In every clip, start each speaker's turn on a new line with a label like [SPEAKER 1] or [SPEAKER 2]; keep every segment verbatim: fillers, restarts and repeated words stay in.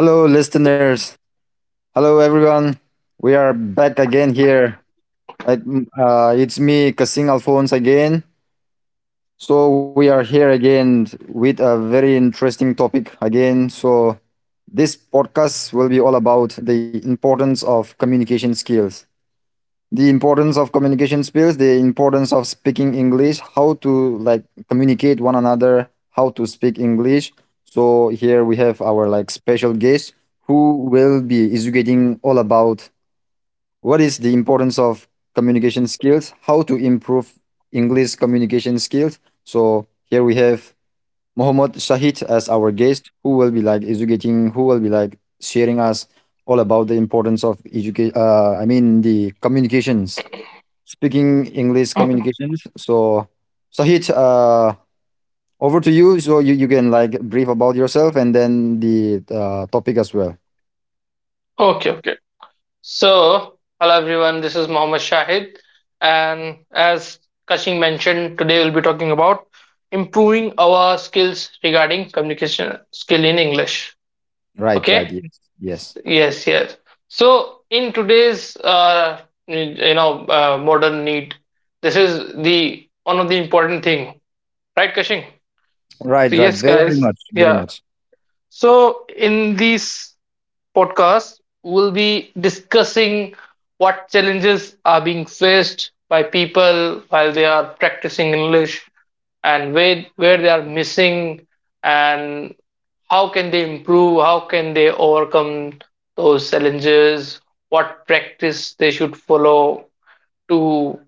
[SPEAKER 1] Hello, listeners. Hello, everyone. We are back again here. I- uh, it's me, Kasing Alphonse, again. So, we are here again with a very interesting topic again. So, this podcast will be all about the importance of communication skills the importance of communication skills the importance of speaking english how to like communicate one another how to speak english so here we have our like special guest who will be educating all about what is the importance of communication skills how to improve english communication skills so here we have Mohammad Shahid as our guest, who will be like educating, who will be like sharing us all about the importance of education. Uh, I mean the communications speaking English
[SPEAKER 2] O-
[SPEAKER 1] communications. So, Sahit, uh, over to you. So you, you can like brief about yourself and then the uh, topic as well.
[SPEAKER 2] Okay, okay. So, hello everyone, this is Mohammad Shahid. And as Kashing mentioned, today we'll be talking about improving our skills regarding communication skill in English.
[SPEAKER 1] Right, right,
[SPEAKER 2] Okay?
[SPEAKER 1] yes, yes.
[SPEAKER 2] Yes, yes. So, in today's, uh, you know, uh, modern need, this is the one of the important thing, right, Kashing? So,
[SPEAKER 1] Right, right.
[SPEAKER 2] yes,
[SPEAKER 1] Very
[SPEAKER 2] guys.
[SPEAKER 1] much, very
[SPEAKER 2] Yeah.
[SPEAKER 1] much.
[SPEAKER 2] So, in these podcast, we'll be discussing what challenges are being faced by people while they are practicing English and where, where they are missing and how can they improve, how can they overcome those challenges, what practice they should follow to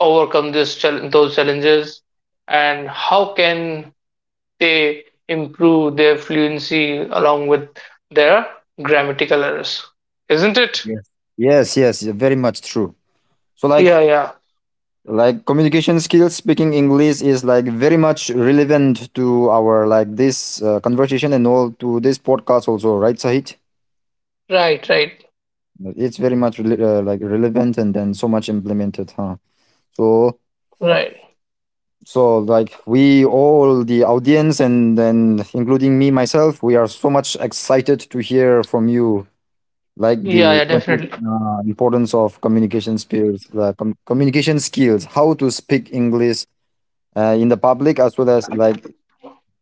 [SPEAKER 2] overcome this chal- those challenges and how can they improve their fluency along with their grammatical errors. Isn't it?
[SPEAKER 1] Yes, yes, yes. Very much true. So like
[SPEAKER 2] Yeah, yeah.
[SPEAKER 1] like communication skills, speaking English is like very much relevant to our like this uh, conversation and all to this podcast also, right, Sahit?
[SPEAKER 2] Right, right,
[SPEAKER 1] It's very much rela- uh, like relevant and then so much implemented, huh? So
[SPEAKER 2] right.
[SPEAKER 1] so like we all the audience and then including me myself we are so much excited to hear from you like
[SPEAKER 2] Yeah,
[SPEAKER 1] the
[SPEAKER 2] yeah,
[SPEAKER 1] import,
[SPEAKER 2] definitely.
[SPEAKER 1] uh, importance of communication skills the com- communication skills how to speak english uh, in the public as well as like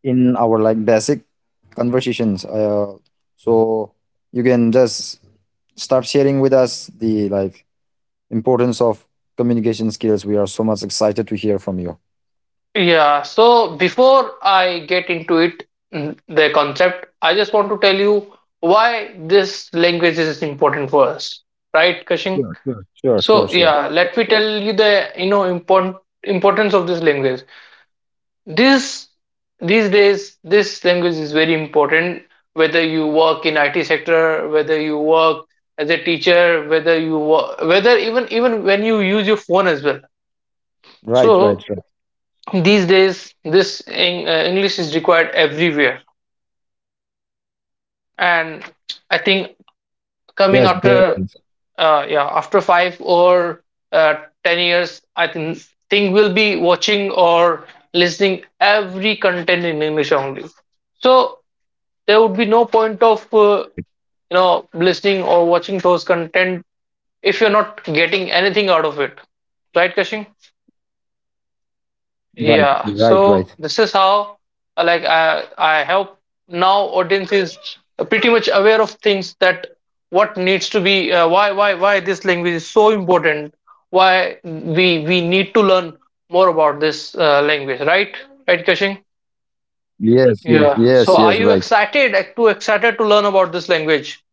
[SPEAKER 1] in our like basic conversations uh, so you can just start sharing with us the like importance of communication skills we are so much excited to hear from you
[SPEAKER 2] Yeah, so before I get into it, mm, the concept, I just want to tell you why this language is important for us, right, Kashing?
[SPEAKER 1] Sure, sure, sure, sure,
[SPEAKER 2] So
[SPEAKER 1] sure.
[SPEAKER 2] yeah, let me tell you the you know important importance of this language. This These days this language is very important whether you work in I T sector, whether you work as a teacher, whether you wo- whether even even when you use your phone as well.
[SPEAKER 1] Right, right,
[SPEAKER 2] So
[SPEAKER 1] right.
[SPEAKER 2] these days this Eng- uh, English is required everywhere. And
[SPEAKER 1] Yes, that
[SPEAKER 2] I
[SPEAKER 1] means
[SPEAKER 2] think coming after uh, yeah, after five or uh, ten years, I think think we'll be watching or listening every content in English only, so there would be no
[SPEAKER 1] right,
[SPEAKER 2] point of uh, you know listening or watching those content if you're not getting anything out of it, right, Kashing?
[SPEAKER 1] right, right, right.
[SPEAKER 2] Yeah, so this is how uh, like i i hope now audience is pretty much aware of things that what needs to be uh, why why why this language is so important, why we we need to learn more about this uh, language, right? Right, Kashing?
[SPEAKER 1] Yes,
[SPEAKER 2] Yeah.
[SPEAKER 1] yes,
[SPEAKER 2] Yeah.
[SPEAKER 1] yes,
[SPEAKER 2] So
[SPEAKER 1] yes,
[SPEAKER 2] are you
[SPEAKER 1] right.
[SPEAKER 2] excited? Too excited to learn about this language.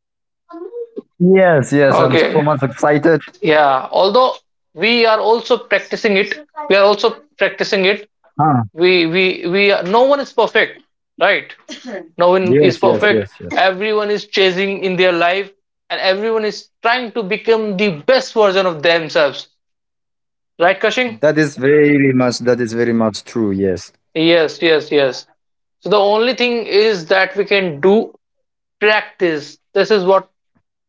[SPEAKER 1] Yes, yes, I'm
[SPEAKER 2] Okay.
[SPEAKER 1] so much excited.
[SPEAKER 2] Yeah, although we are also practicing it, we are also practicing it.
[SPEAKER 1] Huh.
[SPEAKER 2] We we we are, no one is perfect, right? No
[SPEAKER 1] Yes,
[SPEAKER 2] one
[SPEAKER 1] yes,
[SPEAKER 2] is
[SPEAKER 1] yes, yes.
[SPEAKER 2] perfect. Everyone is chasing in their life, and everyone is trying to become the best version of themselves, right, Kashing?
[SPEAKER 1] That is very much, that is very much true. Yes,
[SPEAKER 2] Yes, yes, yes. So the only thing is that we can do practice. This is what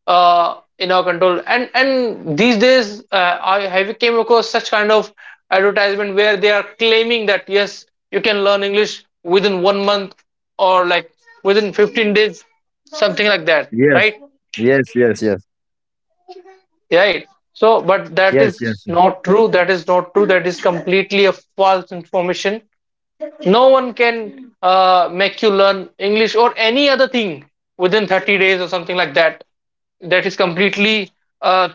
[SPEAKER 2] uh, in our control. And and these days, uh, I have came across such kind of advertisement where they are claiming that yes, you can learn English within one month or like within fifteen days, something like that,
[SPEAKER 1] yes,
[SPEAKER 2] right?
[SPEAKER 1] yes, yes, yes,
[SPEAKER 2] Right. So, but that
[SPEAKER 1] yes, yes,
[SPEAKER 2] is
[SPEAKER 1] yes.
[SPEAKER 2] not true. That is not true. That is completely a false information. No one can uh, make you learn English or any other thing within thirty days or something like that. That is completely uh,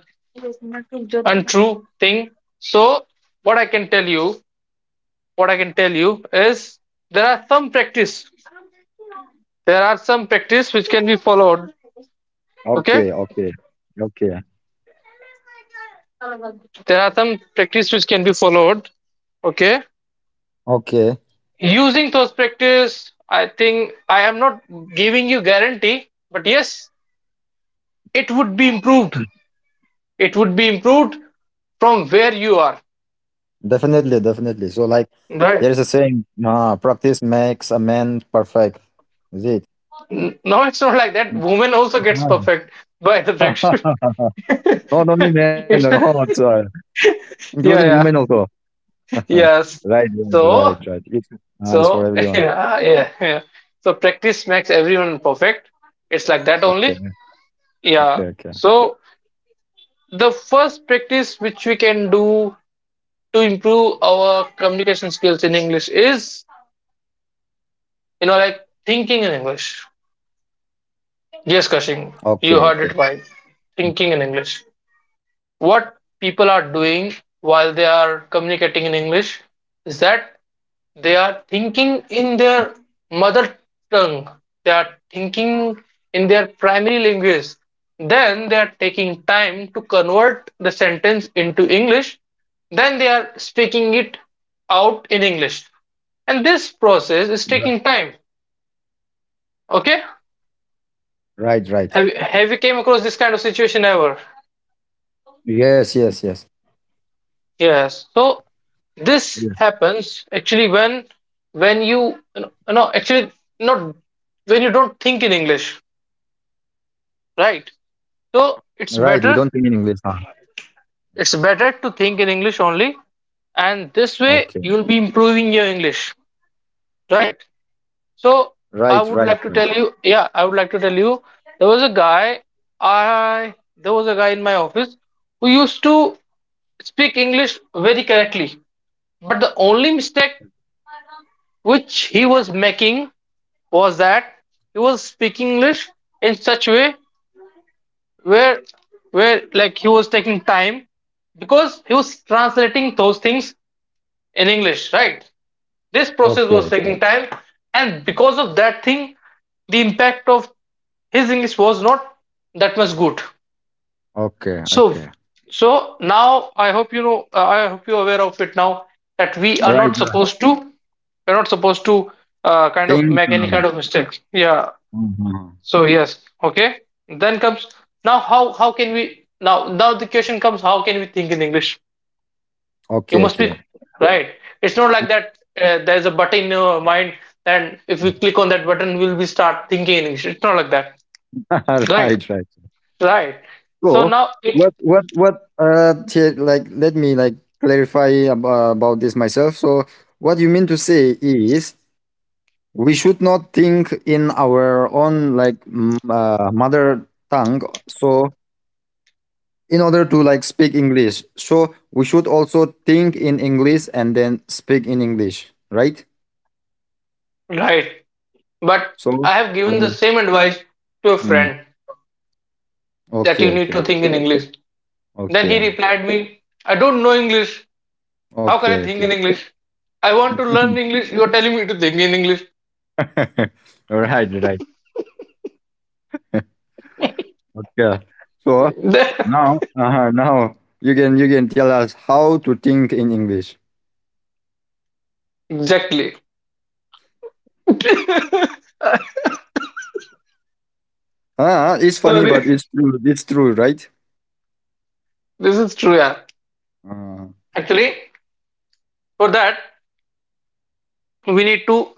[SPEAKER 2] untrue thing. So, what I can tell you, what I can tell you is there are some practice. There are some practice which can be followed. Okay.
[SPEAKER 1] Okay, okay, okay,
[SPEAKER 2] There are some practice which can be followed, okay?
[SPEAKER 1] okay.
[SPEAKER 2] Using those practice, I think I am not giving you guarantee, but yes, it would be improved. It would be improved from where you are,
[SPEAKER 1] Definitely, definitely. So, like, there
[SPEAKER 2] right?
[SPEAKER 1] is a saying, "Ah, practice makes a man perfect. Is it?
[SPEAKER 2] N- no, it's not like that, woman also gets
[SPEAKER 1] uh
[SPEAKER 2] perfect by the practice.
[SPEAKER 1] Not only men,
[SPEAKER 2] It's-
[SPEAKER 1] no, sorry. Including
[SPEAKER 2] yeah,
[SPEAKER 1] women
[SPEAKER 2] yeah,
[SPEAKER 1] also. right,
[SPEAKER 2] yes.
[SPEAKER 1] right, right,
[SPEAKER 2] so
[SPEAKER 1] right. It's, ah, it's for
[SPEAKER 2] so
[SPEAKER 1] everyone.
[SPEAKER 2] yeah, yeah, yeah, so practice makes everyone perfect, it's like that
[SPEAKER 1] Okay,
[SPEAKER 2] only.
[SPEAKER 1] okay,
[SPEAKER 2] Yeah.
[SPEAKER 1] okay.
[SPEAKER 2] So the first practice which we can do to improve our communication skills in English is, you know, like thinking in English. Yes,
[SPEAKER 1] Okay,
[SPEAKER 2] Kashing,
[SPEAKER 1] okay.
[SPEAKER 2] you heard it right.
[SPEAKER 1] Mm,
[SPEAKER 2] Thinking in English. What people are doing while they are communicating in English is that they are
[SPEAKER 1] yes,
[SPEAKER 2] thinking in their mother tongue. They are thinking in their primary language. Then they are taking time to convert the sentence into English. Then they are speaking it out in English. And this
[SPEAKER 1] you are-
[SPEAKER 2] process is taking time. Okay?
[SPEAKER 1] Right, right.
[SPEAKER 2] Have, have you came across this kind of situation ever?
[SPEAKER 1] Yes, yes, yes.
[SPEAKER 2] Yes. So
[SPEAKER 1] Yes.
[SPEAKER 2] this happens actually when when you you know actually not when you don't think in English, right?
[SPEAKER 1] Right,
[SPEAKER 2] So
[SPEAKER 1] we don't
[SPEAKER 2] it's
[SPEAKER 1] think in English,
[SPEAKER 2] better,
[SPEAKER 1] huh?
[SPEAKER 2] it's better to think in English only, and this
[SPEAKER 1] Okay.
[SPEAKER 2] way you'll be improving your English, right? So
[SPEAKER 1] Right, right,
[SPEAKER 2] I would
[SPEAKER 1] right.
[SPEAKER 2] like to tell you, yeah, I would like to tell you, there was a guy, I there was a guy in my office who used to speak English very correctly. But the only mistake which he was making was that he was speaking English in such a way where where like he was taking time because he was translating those things in English, right? This
[SPEAKER 1] Okay,
[SPEAKER 2] process was taking time, and because of that thing, the impact of his English was not that much good.
[SPEAKER 1] okay,
[SPEAKER 2] so
[SPEAKER 1] okay.
[SPEAKER 2] so now i hope you know uh, I hope you're aware of it now that we are
[SPEAKER 1] Right,
[SPEAKER 2] not
[SPEAKER 1] uh,
[SPEAKER 2] supposed to we're not supposed to uh, kind of
[SPEAKER 1] things.
[SPEAKER 2] make any
[SPEAKER 1] Uh,
[SPEAKER 2] kind of mistake, yeah.
[SPEAKER 1] mhm.
[SPEAKER 2] So yes, okay. Then comes now how how can we now now the question comes, how can we think in English? You
[SPEAKER 1] Okay,
[SPEAKER 2] must be
[SPEAKER 1] okay.
[SPEAKER 2] right. It's not like that. Uh, there's a button in your mind, and if we click on that button, we'll be start thinking in English. It's not like that. Right,
[SPEAKER 1] right, right.
[SPEAKER 2] right. So
[SPEAKER 1] So
[SPEAKER 2] now it
[SPEAKER 1] what what what uh t- like let me like clarify ab- uh, about this myself. So what you mean to say is we should not think in our own like m- uh, mother tongue. So in order to like speak English, so we should also think in English and then speak in English, right?
[SPEAKER 2] Right. But
[SPEAKER 1] So
[SPEAKER 2] I have given the
[SPEAKER 1] um,
[SPEAKER 2] same advice to a
[SPEAKER 1] mm,
[SPEAKER 2] friend that you
[SPEAKER 1] okay,
[SPEAKER 2] need
[SPEAKER 1] okay,
[SPEAKER 2] to think in English. Then he
[SPEAKER 1] okay,
[SPEAKER 2] replied me, I don't know English. How can
[SPEAKER 1] okay,
[SPEAKER 2] I
[SPEAKER 1] okay.
[SPEAKER 2] think in English? I want to learn English. You're telling me to think in English.
[SPEAKER 1] All right, right. Okay. So now, uh now you can you can tell us how to think in English.
[SPEAKER 2] exactly.
[SPEAKER 1] Ah, it's funny, but
[SPEAKER 2] Sorry,
[SPEAKER 1] it's true. It's true, right?
[SPEAKER 2] this is true. Yeah,
[SPEAKER 1] Uh,
[SPEAKER 2] actually, for that we need to,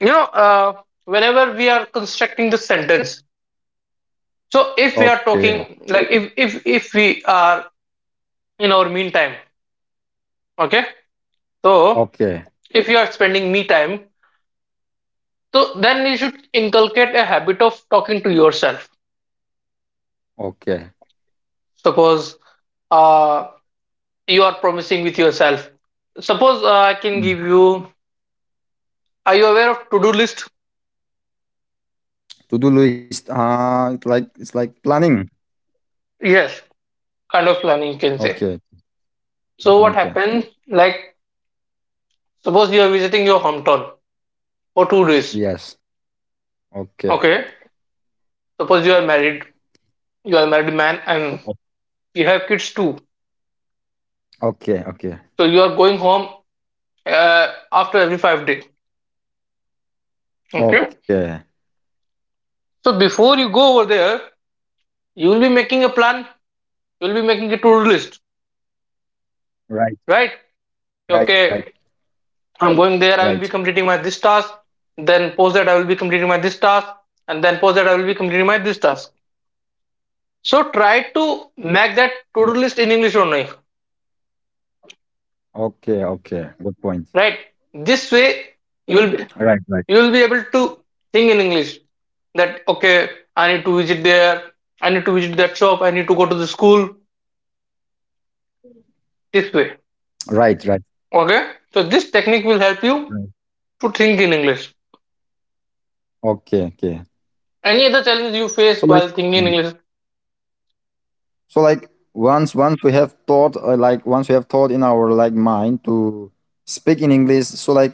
[SPEAKER 2] you know, uh, whenever we are constructing the sentence. So if
[SPEAKER 1] okay.
[SPEAKER 2] we are talking, like if if if we are in our meantime, okay.
[SPEAKER 1] Okay.
[SPEAKER 2] So if you are spending me time, so then you should inculcate a habit of talking to yourself.
[SPEAKER 1] Okay.
[SPEAKER 2] Suppose uh, you are promising with yourself. Suppose uh, I can give you. Are you aware of to do list?
[SPEAKER 1] To do list. Ah, it's like it's like planning.
[SPEAKER 2] Yes. Kind of
[SPEAKER 1] Okay.
[SPEAKER 2] planning, you can say.
[SPEAKER 1] Okay.
[SPEAKER 2] So what happens? Like suppose you are visiting your hometown for two
[SPEAKER 1] Yes.
[SPEAKER 2] days.
[SPEAKER 1] Okay.
[SPEAKER 2] Okay. Suppose you are married. You are a married
[SPEAKER 1] o-
[SPEAKER 2] man and you have kids too.
[SPEAKER 1] Okay. Okay.
[SPEAKER 2] So you are going home uh, after every five day. Okay.
[SPEAKER 1] Okay.
[SPEAKER 2] So before you go over there, you will be making a plan. You will be making a to-do list,
[SPEAKER 1] Right. Right. Right.
[SPEAKER 2] right? Okay,
[SPEAKER 1] Right.
[SPEAKER 2] I'm going there. I will be completing my this task. Then post that I will be completing my this task, and then post that I will be completing my this task. So try
[SPEAKER 1] Yeah.
[SPEAKER 2] to make that to-do list in English only,
[SPEAKER 1] Okay. Okay. Good point.
[SPEAKER 2] right? This way
[SPEAKER 1] Right. Right.
[SPEAKER 2] you will be, you will be able to think in English, that okay, I need to visit there, I need to visit that shop, I need to go to the school. This way,
[SPEAKER 1] Right. Right.
[SPEAKER 2] okay? So this technique will
[SPEAKER 1] right.
[SPEAKER 2] help you to think in English.
[SPEAKER 1] Okay. Okay.
[SPEAKER 2] Any other challenge
[SPEAKER 1] So
[SPEAKER 2] you
[SPEAKER 1] like.
[SPEAKER 2] face while thinking in English?
[SPEAKER 1] So like once once we have thought uh, like once we have thought in our like mind to speak in english so like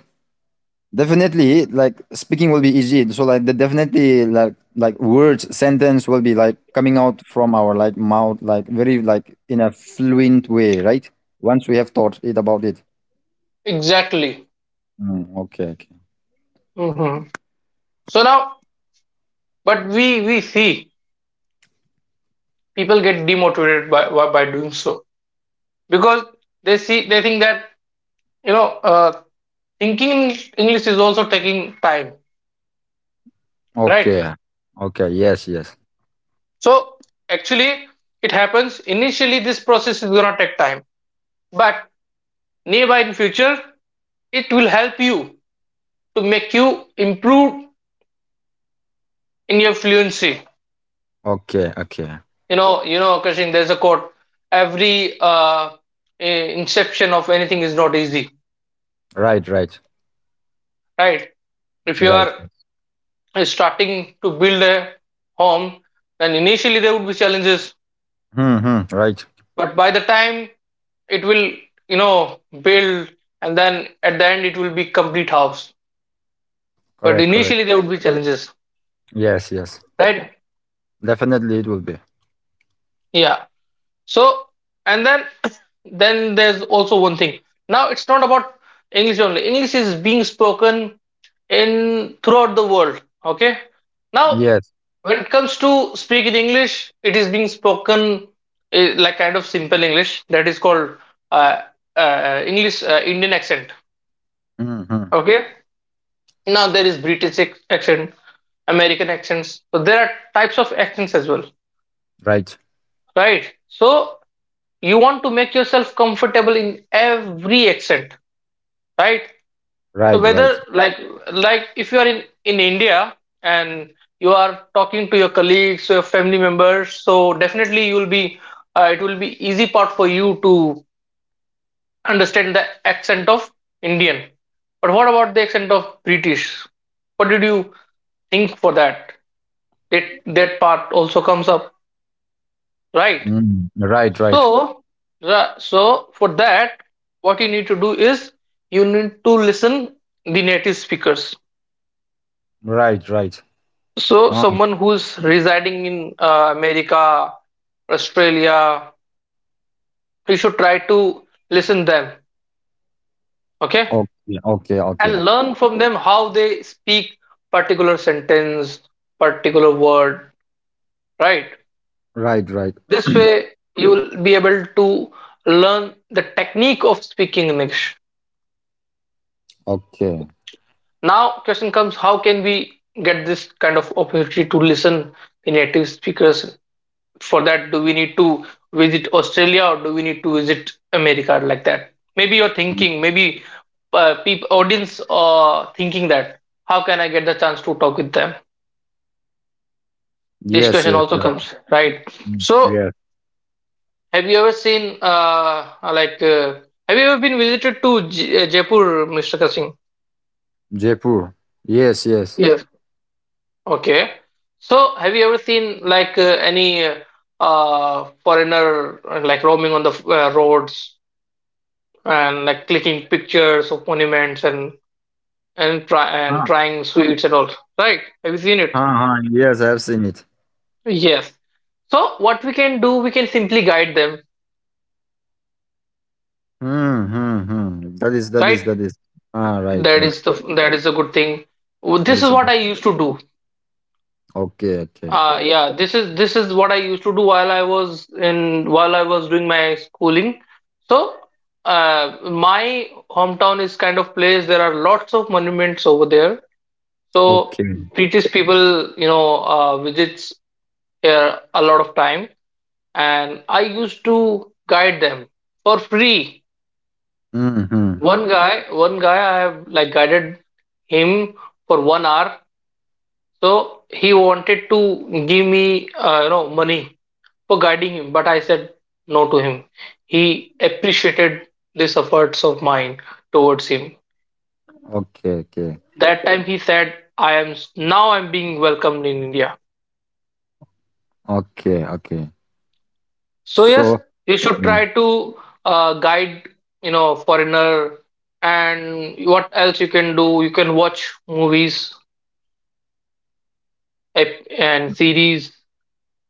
[SPEAKER 1] definitely like speaking will be easy so like the definitely like like words sentence will be like coming out from our like mouth like very like in a fluent way right once we have thought it about it
[SPEAKER 2] Exactly.
[SPEAKER 1] Mm, okay okay
[SPEAKER 2] Mhm. So now, but we we see people get demotivated by by by doing so because they see they think that you know uh, thinking in English is also taking time,
[SPEAKER 1] okay
[SPEAKER 2] right?
[SPEAKER 1] okay yes yes
[SPEAKER 2] So actually it happens, initially this process is gonna take time, but nearby in future it will help you to make you improve in your fluency.
[SPEAKER 1] okay okay
[SPEAKER 2] You know you know, Kashin, there's a quote, every uh, eh, inception of anything is not easy,
[SPEAKER 1] right right
[SPEAKER 2] right? If you are
[SPEAKER 1] right
[SPEAKER 2] starting to build a home, then initially there would be challenges,
[SPEAKER 1] hmm hmm, right
[SPEAKER 2] but by the time it will, you know, build, and then at the end it will be complete house, but
[SPEAKER 1] correct correct
[SPEAKER 2] initially there would be challenges,
[SPEAKER 1] yes yes
[SPEAKER 2] right?
[SPEAKER 1] definitely it will be
[SPEAKER 2] Yeah. So and then then there's also one thing, now it's not about English, only English is being spoken in throughout the world, okay? Now,
[SPEAKER 1] Yes.
[SPEAKER 2] when it comes to speaking English, it is being spoken eh, like kind of simple English that is called uh, uh, English uh, Indian accent,
[SPEAKER 1] hmm
[SPEAKER 2] okay? Now there is British ac- accent, American accents. So there are types of accents as well,
[SPEAKER 1] Right.
[SPEAKER 2] right? So you want to make yourself comfortable in every accent, right? So
[SPEAKER 1] Right. Right.
[SPEAKER 2] whether like like if you are in in India and you are talking to your colleagues, your family members, so definitely you will be uh, it will be easy part for you to understand the accent of Indian. But what about the accent of British? What did you think for that? It, that part also comes up, right?
[SPEAKER 1] Mm. Right. Right.
[SPEAKER 2] So ra- so for that, what you need to do is you need to listen the native speakers.
[SPEAKER 1] Right. Right.
[SPEAKER 2] So
[SPEAKER 1] Ah,
[SPEAKER 2] someone who's residing in uh, America, Australia, you should try to listen them, okay?
[SPEAKER 1] okay. Okay. Okay.
[SPEAKER 2] And learn from them how they speak particular sentence, particular word, right?
[SPEAKER 1] Right. Right.
[SPEAKER 2] This way you will be able to learn the technique of speaking English.
[SPEAKER 1] Okay.
[SPEAKER 2] Now, question comes: how can we get this kind of opportunity to listen in native speakers? For that, do we need to visit Australia or do we need to visit America like that? Maybe you're
[SPEAKER 1] Mm.
[SPEAKER 2] thinking, maybe uh, peop audience uh, thinking that how can I get the chance to talk with them? This
[SPEAKER 1] Yes.
[SPEAKER 2] question
[SPEAKER 1] Yes.
[SPEAKER 2] also
[SPEAKER 1] Right.
[SPEAKER 2] comes, right?
[SPEAKER 1] Mm.
[SPEAKER 2] So,
[SPEAKER 1] Yes.
[SPEAKER 2] have you ever seen uh, like uh, have you ever been visited to J- Jaipur, mister Kasing?
[SPEAKER 1] Jaipur. Yes. Yes.
[SPEAKER 2] Yeah. Okay. So, have you ever seen like uh, any uh, foreigner uh, like roaming on the uh, roads and like clicking pictures of monuments and and try and
[SPEAKER 1] Ah.
[SPEAKER 2] trying sweets and all? Right? Have you seen it?
[SPEAKER 1] Ah. ah, Yes. I've seen it.
[SPEAKER 2] Yes. So, what we can do, we can simply guide them.
[SPEAKER 1] Hmm. Hmm. Hmm. That is. That
[SPEAKER 2] Right?
[SPEAKER 1] is. That is. Ah. Right.
[SPEAKER 2] That
[SPEAKER 1] Right.
[SPEAKER 2] is the that is a good thing.
[SPEAKER 1] That
[SPEAKER 2] This is
[SPEAKER 1] is. A
[SPEAKER 2] what
[SPEAKER 1] good-
[SPEAKER 2] I used to do.
[SPEAKER 1] Okay. Okay.
[SPEAKER 2] Uh, yeah, this is this is what I used to do while I was in while I was doing my schooling. So, uh, my hometown is kind of place. There are lots of monuments over there. So
[SPEAKER 1] Okay.
[SPEAKER 2] British people, you know, uh, visits here a lot of time, and I used to guide them for free.
[SPEAKER 1] Mm-hmm.
[SPEAKER 2] One guy, one guy, I have like guided him for one hour. So he wanted to give me, uh, you know, money for guiding him, but I said no to him. He appreciated these efforts of mine towards him.
[SPEAKER 1] Okay. Okay.
[SPEAKER 2] That time he said, I am now I'm being welcomed in India.
[SPEAKER 1] Okay. Okay.
[SPEAKER 2] So yes,
[SPEAKER 1] So.
[SPEAKER 2] you should
[SPEAKER 1] Mm,
[SPEAKER 2] try to uh, guide, you know, foreigner, and what else you can do. You can watch movies ep- and series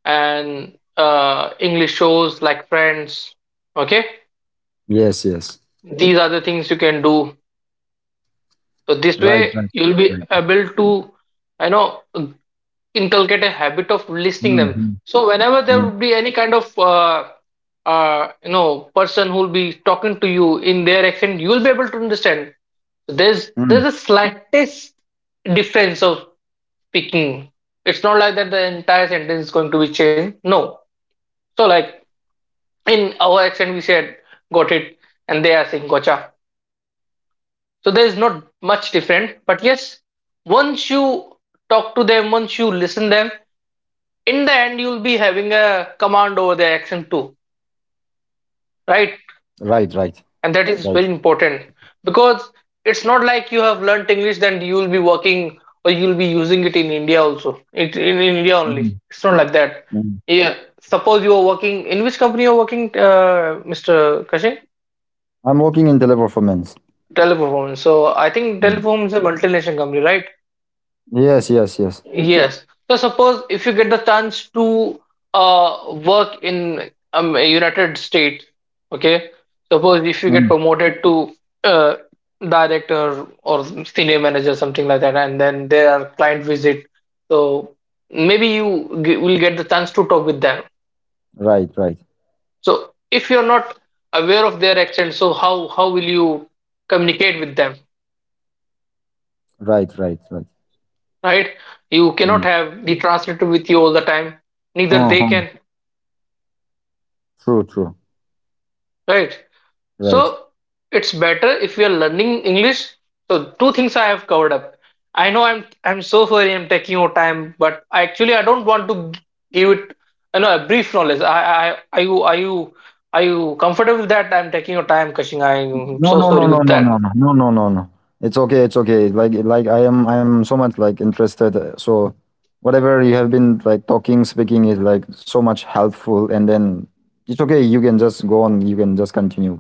[SPEAKER 2] and uh, English shows like Friends. Okay,
[SPEAKER 1] Yes. Yes.
[SPEAKER 2] these are the things you can do. So this
[SPEAKER 1] Right.
[SPEAKER 2] way
[SPEAKER 1] Right.
[SPEAKER 2] you'll be
[SPEAKER 1] Right. right.
[SPEAKER 2] able to, I know, inculcate a habit of listening them.
[SPEAKER 1] Mhm,
[SPEAKER 2] So whenever
[SPEAKER 1] mm,
[SPEAKER 2] there would be any kind of, uh, uh, you know, person who'll be talking to you in their accent, you'll be able to understand. So, There's
[SPEAKER 1] mm.
[SPEAKER 2] there's a slightest difference of speaking. It's not like that the entire sentence is going to be changed. No. So like in our accent, we said "got it," and they are saying gotcha. So there is not much different. But yes, once you talk to them, once you listen them, in the end you'll be having a command over their action too,
[SPEAKER 1] Right,
[SPEAKER 2] right?
[SPEAKER 1] right, right.
[SPEAKER 2] And that is very important because it's not like you have learnt English then you'll be working or you'll be using it in India also. It in in India
[SPEAKER 1] Mhm,
[SPEAKER 2] only. It's not like that.
[SPEAKER 1] mm.
[SPEAKER 2] Yeah. Suppose you are working in which company you are working, uh, mister Kashin?
[SPEAKER 1] I'm working in deliver for men's.
[SPEAKER 2] Teleperformance. So I
[SPEAKER 1] Yeah.
[SPEAKER 2] think Teleperformance is a multinational company, right?
[SPEAKER 1] Yes, yes, yes.
[SPEAKER 2] Yes. So suppose if you get the chance to uh, work in um, a United States, okay. Suppose if you
[SPEAKER 1] Mm.
[SPEAKER 2] get promoted to uh, director or senior manager, something like that, and then there are client visit. So maybe you g- will get the chance to talk with them.
[SPEAKER 1] Right, right,
[SPEAKER 2] So if you're not aware of their accent, so how how will you communicate with them,
[SPEAKER 1] right, right, right.
[SPEAKER 2] right? You
[SPEAKER 1] Mm.
[SPEAKER 2] cannot have the translator with you all the time. Neither they
[SPEAKER 1] Uh-huh.
[SPEAKER 2] can,
[SPEAKER 1] True, true.
[SPEAKER 2] right?
[SPEAKER 1] Right.
[SPEAKER 2] So it's better if you're learning English. So two things I have covered up. I know I'm I'm so sorry I'm taking your time, but actually I don't want to g- give it you know, a brief knowledge. I I are you are you are you comfortable with that? I'm taking your time, Kashing. I'm
[SPEAKER 1] No,
[SPEAKER 2] so
[SPEAKER 1] no, no,
[SPEAKER 2] sorry
[SPEAKER 1] no,
[SPEAKER 2] with
[SPEAKER 1] no,
[SPEAKER 2] that.
[SPEAKER 1] no, no, no, no, no, no. It's okay, it's okay. Like, like I am, I'm so much like interested. uh, So, whatever you have been like talking, speaking is like so much helpful. And then it's okay. You can just go on. You can just continue.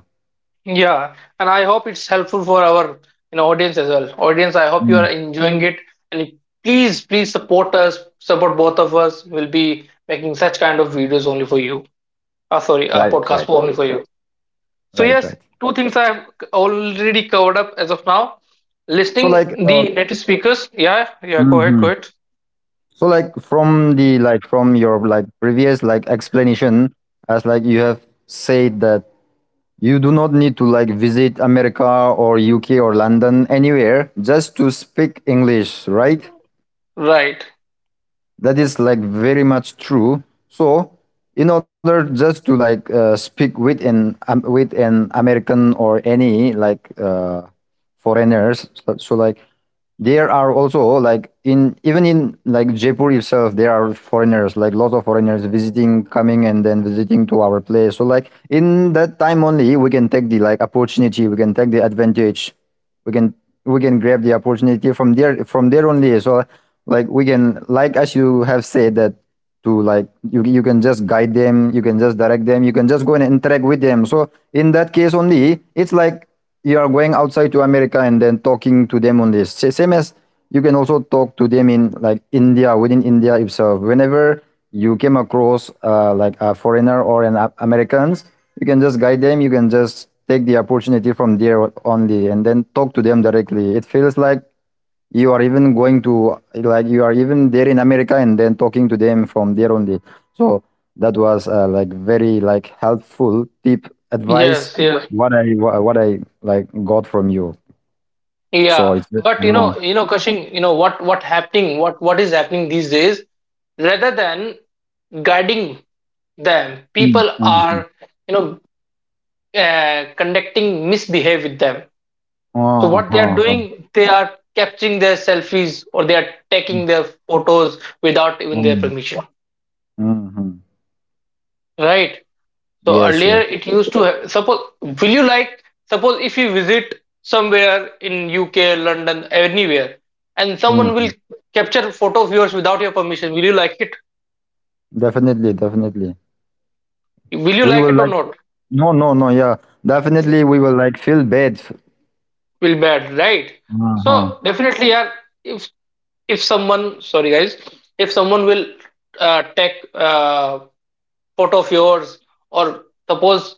[SPEAKER 2] Yeah, and I hope it's helpful for our, you know, audience as well. Audience, I hope
[SPEAKER 1] Mm.
[SPEAKER 2] you are enjoying it, and please please support us. Support both of us. We'll be making such kind of videos only for you. Uh,
[SPEAKER 1] Right,
[SPEAKER 2] sorry, uh,
[SPEAKER 1] right,
[SPEAKER 2] podcast for only for you.
[SPEAKER 1] right,
[SPEAKER 2] So
[SPEAKER 1] right.
[SPEAKER 2] yes, two things I have already covered up as of now.
[SPEAKER 1] So, like,
[SPEAKER 2] Listing
[SPEAKER 1] uh,
[SPEAKER 2] the native speakers. Yeah, yeah. Go ahead,
[SPEAKER 1] Mhm.
[SPEAKER 2] go ahead.
[SPEAKER 1] So like from the like from your like previous like explanation as like you have said that you do not need to like visit America or U K or London anywhere just to speak English, right?
[SPEAKER 2] Right.
[SPEAKER 1] that is like very much true so in order just to like uh, speak with an um, with an american or any like uh, foreigners so, so like there are also like in even in like jaipur itself there are foreigners like lots of foreigners visiting coming and then visiting to our place so like in that time only we can take the like opportunity we can take the advantage we can we can grab the opportunity from there from there only so like we can like as you have said that to like you, you can just guide them you can just direct them you can just go and interact with them so in that case only it's like you are going outside to america and then talking to them only. Same as you can also talk to them in like india within india itself whenever you came across uh, like a foreigner or an A- Americans, you can just guide them. You can just take the opportunity from there only, and then talk to them directly. It feels like you are even going to like you are even there in America, and then talking to them from there only. So that was uh, like very like helpful tip advice.
[SPEAKER 2] Yes. Yes.
[SPEAKER 1] What I wha- what I like got from you. So
[SPEAKER 2] Yeah.
[SPEAKER 1] it's
[SPEAKER 2] But you
[SPEAKER 1] uh,
[SPEAKER 2] know, you know, Kashing, you know what what happening, what what is happening these days. Rather than guiding them,
[SPEAKER 1] mm,
[SPEAKER 2] people
[SPEAKER 1] mm, mm.
[SPEAKER 2] are, you know, uh, conducting misbehave with them. So what they
[SPEAKER 1] uh-huh.
[SPEAKER 2] are
[SPEAKER 1] so,
[SPEAKER 2] doing, they are capturing their selfies or they are
[SPEAKER 1] mm,
[SPEAKER 2] taking their photos without even their permission,
[SPEAKER 1] mm, mm.
[SPEAKER 2] right? So
[SPEAKER 1] Yes,
[SPEAKER 2] earlier
[SPEAKER 1] yes.
[SPEAKER 2] it used to have, suppose will you like suppose if you visit somewhere in U K, London, anywhere, and someone
[SPEAKER 1] Mm-hmm.
[SPEAKER 2] will capture photo of yours without your permission, will you like it?
[SPEAKER 1] Definitely, definitely.
[SPEAKER 2] Will you
[SPEAKER 1] We
[SPEAKER 2] like
[SPEAKER 1] will
[SPEAKER 2] it or
[SPEAKER 1] like
[SPEAKER 2] not?
[SPEAKER 1] no, no, no. Yeah, definitely. We will like feel bad.
[SPEAKER 2] Will bad, right?
[SPEAKER 1] Uh-huh.
[SPEAKER 2] So definitely, yeah. If if someone, sorry guys, if someone will uh, take uh, photo of yours, or suppose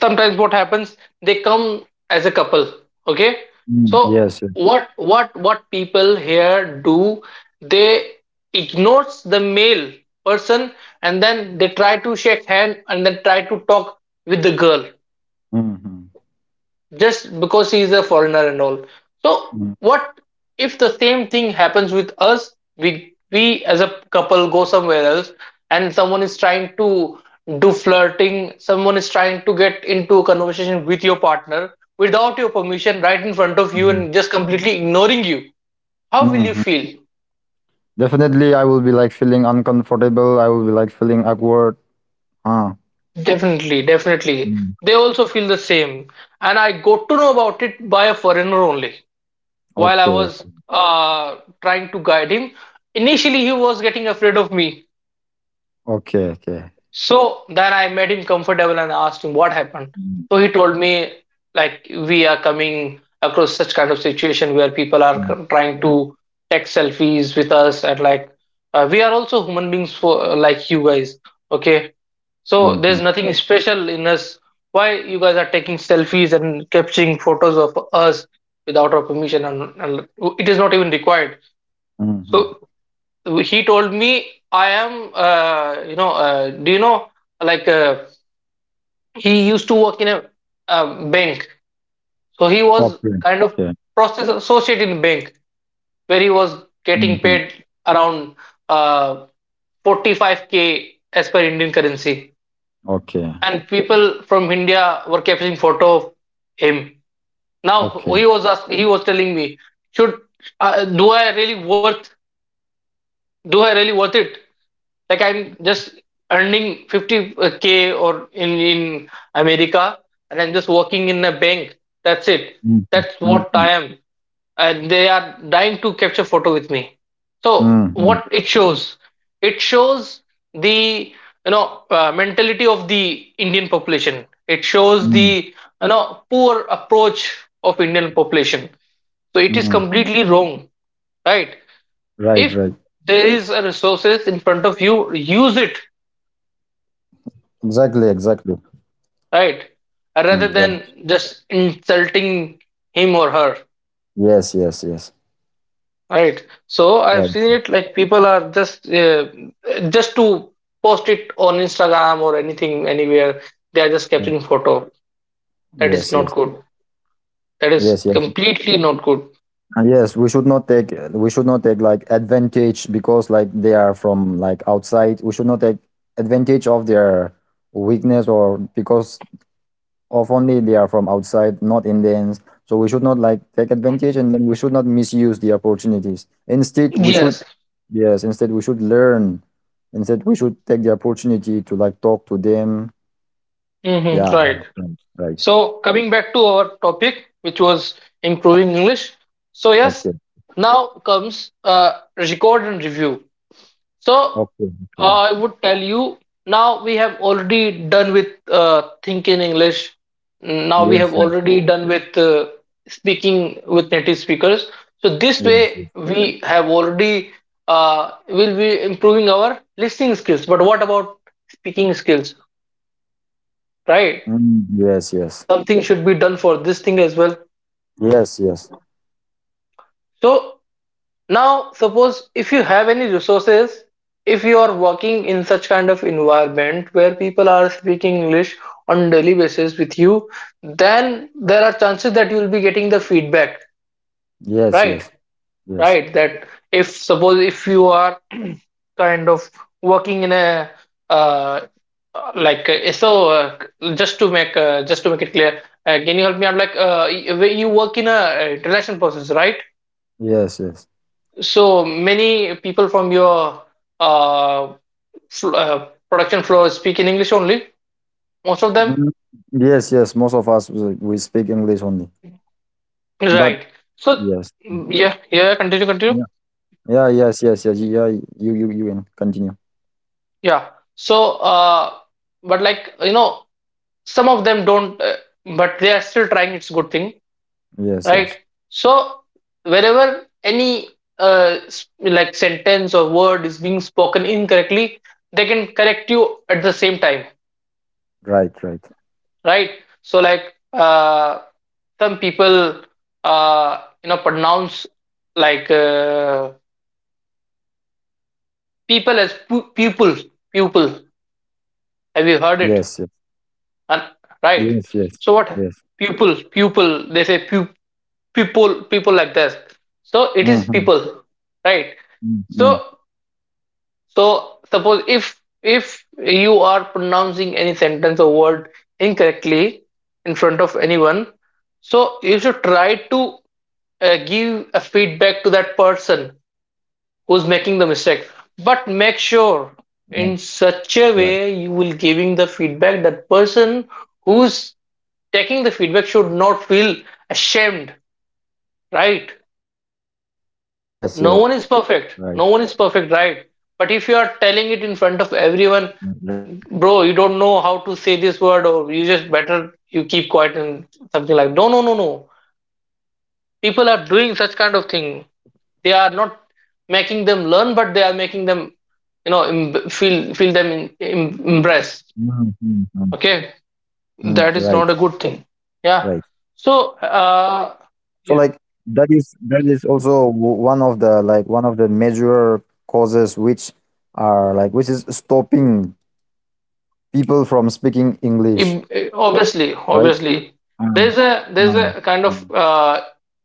[SPEAKER 2] sometimes what happens they come as a couple, okay.
[SPEAKER 1] Mm,
[SPEAKER 2] So
[SPEAKER 1] yes. yes.
[SPEAKER 2] what what what people here do, they ignores the male person, and then they try to shake hand and then try to talk with the girl
[SPEAKER 1] Mhm,
[SPEAKER 2] just because he is a foreigner and all. So
[SPEAKER 1] mm,
[SPEAKER 2] what if the same thing happens with us? We we as a couple go somewhere else, and someone is trying to do flirting. Someone is trying to get into a conversation with your partner without your permission, right in front of you,
[SPEAKER 1] mhm,
[SPEAKER 2] and just completely ignoring you. How will you
[SPEAKER 1] mhm.
[SPEAKER 2] feel?
[SPEAKER 1] Definitely, I will be like feeling uncomfortable. I will be like feeling awkward. Uh,
[SPEAKER 2] Definitely, definitely.
[SPEAKER 1] mm,
[SPEAKER 2] They also feel the same, and I got to know about it by a foreigner only, while I
[SPEAKER 1] okay.
[SPEAKER 2] was uh, trying to guide him. Initially, he was getting afraid of me.
[SPEAKER 1] Okay. Okay.
[SPEAKER 2] So then I made him comfortable and asked him what happened.
[SPEAKER 1] Mm,
[SPEAKER 2] So he told me, like, we are coming across such kind of situation where people are c-
[SPEAKER 1] mm,
[SPEAKER 2] trying to take selfies with us, and like uh, we are also human beings for like you guys, okay, so there's
[SPEAKER 1] mhm,
[SPEAKER 2] nothing, yes, special in us. Why you guys are taking selfies and capturing photos of us without our permission? and, and it is not even required.
[SPEAKER 1] mhm.
[SPEAKER 2] So he told me, I am, uh, you know, uh, do you know, like uh, he used to work in a, uh, bank. So he was
[SPEAKER 1] Okay.
[SPEAKER 2] kind of
[SPEAKER 1] Okay.
[SPEAKER 2] process associate in bank where he was getting
[SPEAKER 1] Mhm,
[SPEAKER 2] paid around, uh, forty-five k as per Indian currency.
[SPEAKER 1] Okay.
[SPEAKER 2] And people from India were capturing photo of him. Now
[SPEAKER 1] Okay.
[SPEAKER 2] he was ask, he was telling me, should, uh, do I really worth do I really worth it? Like I'm just earning fifty k or in in America, and I'm just working in a bank, that's it.
[SPEAKER 1] Mhm,
[SPEAKER 2] That's what
[SPEAKER 1] mhm,
[SPEAKER 2] I am, and they are dying to capture photo with me. So
[SPEAKER 1] mhm,
[SPEAKER 2] what it shows, it shows the, you know, uh, mentality of the Indian population. It shows the,
[SPEAKER 1] mhm,
[SPEAKER 2] you know, poor approach of Indian population. So it is
[SPEAKER 1] mhm.
[SPEAKER 2] completely wrong, right?
[SPEAKER 1] Right.
[SPEAKER 2] If
[SPEAKER 1] Right.
[SPEAKER 2] there is a resources in front of you, use it,
[SPEAKER 1] Exactly. Exactly.
[SPEAKER 2] right, rather
[SPEAKER 1] Mm, right.
[SPEAKER 2] than just insulting him or her,
[SPEAKER 1] Yes, yes, yes.
[SPEAKER 2] right? So I've
[SPEAKER 1] Right.
[SPEAKER 2] seen it. Like people are just, uh, just to post it on Instagram or anything anywhere, they are just
[SPEAKER 1] Yeah.
[SPEAKER 2] capturing photo. That is
[SPEAKER 1] Yes, yes.
[SPEAKER 2] not good. That is
[SPEAKER 1] Yes, yes.
[SPEAKER 2] completely not good.
[SPEAKER 1] And yes, we should not take we should not take like advantage because like they are from like outside. We should not take advantage of their weakness or because of only they are from outside, not Indians. So we should not like take advantage and then we should not misuse the opportunities. Instead, we should
[SPEAKER 2] Yes.
[SPEAKER 1] yes, instead we should learn. Instead, we should take the opportunity to like talk to them.
[SPEAKER 2] Hmm,
[SPEAKER 1] Yeah,
[SPEAKER 2] right.
[SPEAKER 1] right, right, right.
[SPEAKER 2] So coming back to our topic, which was improving English, so yes,
[SPEAKER 1] Okay.
[SPEAKER 2] now comes uh, record and review. So
[SPEAKER 1] Okay, okay.
[SPEAKER 2] uh, I would tell you, now we have already done with uh, think in English. Now we have
[SPEAKER 1] Yes, yes,
[SPEAKER 2] already done with uh, speaking with native speakers. So this way
[SPEAKER 1] yes, yes.
[SPEAKER 2] we have already uh, will be improving our listening skills. But what about speaking skills? Right?
[SPEAKER 1] Mm, yes, yes,
[SPEAKER 2] Something should be done for this thing as well.
[SPEAKER 1] yes, yes,
[SPEAKER 2] So now, suppose if you have any resources, if you are working in such kind of environment where people are speaking English on daily basis with you, then there are chances that you will be getting the feedback,
[SPEAKER 1] yes,
[SPEAKER 2] right?
[SPEAKER 1] yes, yes,
[SPEAKER 2] Right? That if suppose if you are kind of working in a, uh, like uh, so uh, just to make, uh, just to make it clear, uh, can you help me out? Like, uh, y- you work in a, uh, international process, right?
[SPEAKER 1] yes, yes.
[SPEAKER 2] So many people from your, uh, fl- uh, production floor speak in English only. Most of them,
[SPEAKER 1] Mm, yes, yes. Most of us we we speak English only, but
[SPEAKER 2] right? So
[SPEAKER 1] yes,
[SPEAKER 2] yeah, yeah. Continue, continue.
[SPEAKER 1] yeah, yeah, yes, yes, yes, yeah. You, you, you can continue.
[SPEAKER 2] Yeah. So, uh, but like you know, some of them don't, uh, but they are still trying. It's a good thing,
[SPEAKER 1] Yes,
[SPEAKER 2] right?
[SPEAKER 1] yes,
[SPEAKER 2] So wherever any, uh, s- like sentence or word is being spoken incorrectly, they can correct you at the same time,
[SPEAKER 1] right, right.
[SPEAKER 2] right? So like. Uh, some people uh, you know pronounce like uh, people as pu- pupil, pupil. Have you heard
[SPEAKER 1] Yes, yes,
[SPEAKER 2] it? And
[SPEAKER 1] yes,
[SPEAKER 2] right,
[SPEAKER 1] yes,
[SPEAKER 2] so what?
[SPEAKER 1] yes.
[SPEAKER 2] Pupil, pupil, they say pu- people, people, like this. So it is
[SPEAKER 1] Mm-hmm.
[SPEAKER 2] people, right? so
[SPEAKER 1] Mm-hmm.
[SPEAKER 2] so suppose if if you are pronouncing any sentence or word incorrectly in front of anyone, so you should try to uh, give a feedback to that person who's making the mistake. But make
[SPEAKER 1] Right,
[SPEAKER 2] sure in
[SPEAKER 1] right.
[SPEAKER 2] such a way you will giving the feedback, that person who's taking the feedback should not feel ashamed, right?
[SPEAKER 1] Yes, yes,
[SPEAKER 2] No one is
[SPEAKER 1] right,
[SPEAKER 2] perfect, no one is perfect, right? But if you are telling it in front of
[SPEAKER 1] right,
[SPEAKER 2] everyone,
[SPEAKER 1] right.
[SPEAKER 2] bro, you don't know how to say this word, or you just better you keep quiet, and something like no, no, no, no, people are doing such kind of thing. They are not making them learn, but they are making them, you know em- feel, feel them in, em- embraced.
[SPEAKER 1] Mm-hmm.
[SPEAKER 2] Okay,
[SPEAKER 1] Mm,
[SPEAKER 2] that is
[SPEAKER 1] right,
[SPEAKER 2] not a good thing. Yeah,
[SPEAKER 1] right.
[SPEAKER 2] so uh,
[SPEAKER 1] So
[SPEAKER 2] yeah,
[SPEAKER 1] like that is that is also w- one of the like one of the major causes which are like which is stopping people from speaking
[SPEAKER 2] im-
[SPEAKER 1] English,
[SPEAKER 2] obviously obviously
[SPEAKER 1] right?
[SPEAKER 2] there's a,
[SPEAKER 1] Mm,
[SPEAKER 2] there's a kind
[SPEAKER 1] mm,
[SPEAKER 2] of
[SPEAKER 1] mm,
[SPEAKER 2] uh,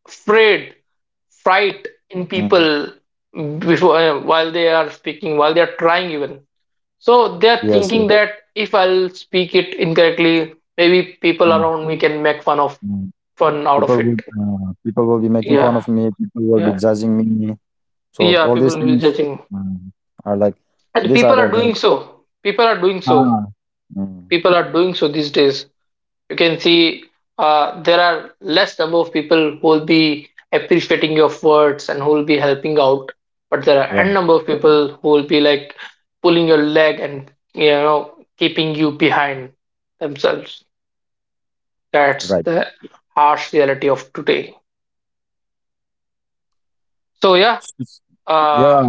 [SPEAKER 2] afraid, fright
[SPEAKER 1] mhm.
[SPEAKER 2] in people before, uh, while they are speaking, while they are trying even. So they
[SPEAKER 1] Yes,
[SPEAKER 2] are
[SPEAKER 1] yes.
[SPEAKER 2] thinking that if I'll speak it incorrectly, maybe people
[SPEAKER 1] Mm,
[SPEAKER 2] around me can make fun of,
[SPEAKER 1] mm.
[SPEAKER 2] fun out
[SPEAKER 1] People
[SPEAKER 2] of
[SPEAKER 1] will
[SPEAKER 2] it.
[SPEAKER 1] uh, people will be making fun
[SPEAKER 2] Yeah,
[SPEAKER 1] of me. People will be
[SPEAKER 2] yeah,
[SPEAKER 1] judging me. So
[SPEAKER 2] yeah.
[SPEAKER 1] all these
[SPEAKER 2] People will be
[SPEAKER 1] things
[SPEAKER 2] judging,
[SPEAKER 1] mm, are like
[SPEAKER 2] and
[SPEAKER 1] these are
[SPEAKER 2] people
[SPEAKER 1] the
[SPEAKER 2] are
[SPEAKER 1] like
[SPEAKER 2] doing so. People are doing so.
[SPEAKER 1] ah mm,
[SPEAKER 2] People are doing so these days. You can see uh, there are less number of people who will be appreciating your words and who will be helping out, but there are n
[SPEAKER 1] right
[SPEAKER 2] number of people who will be like pulling your leg and you know keeping you behind themselves. That's
[SPEAKER 1] right.
[SPEAKER 2] the harsh reality of today. So yeah, uh,
[SPEAKER 1] Yeah,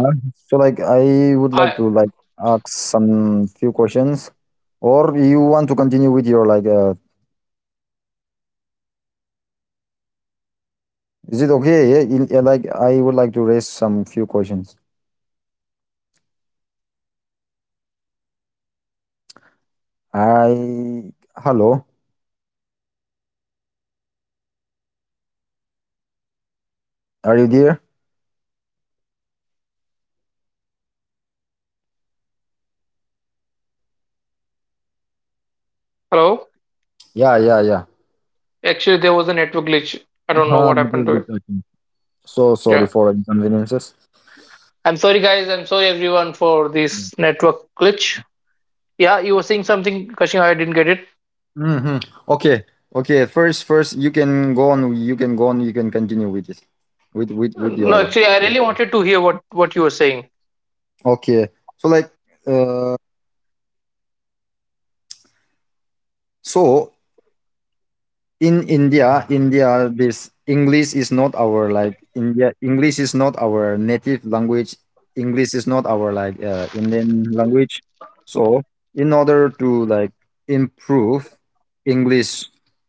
[SPEAKER 1] so like I would like
[SPEAKER 2] I.
[SPEAKER 1] to like ask some few questions, or you want to continue with your like uh, is it okay? Yeah, in- yeah, like I would like to raise some few questions. I hello, are you there?
[SPEAKER 2] Hello.
[SPEAKER 1] Yeah, yeah, yeah.
[SPEAKER 2] Actually, there was a network glitch. I don't know
[SPEAKER 1] हाँ
[SPEAKER 2] what happened
[SPEAKER 1] network
[SPEAKER 2] to it.
[SPEAKER 1] भी So sorry
[SPEAKER 2] Yeah.
[SPEAKER 1] for inconveniences.
[SPEAKER 2] I'm sorry, guys. I'm sorry, everyone, for this network glitch. Yeah, you were saying something, Kashin. I didn't get it.
[SPEAKER 1] Mm-hmm. Okay, okay. First, first you can go on. You can go on. You can continue with it, with with with
[SPEAKER 2] No,
[SPEAKER 1] your like.
[SPEAKER 2] actually, I really wanted to hear what, what you were saying.
[SPEAKER 1] Okay, so like uh, so in India, India, this English is not our like India. English is not our native language. English is not our like uh, Indian language. So, in order to like improve English,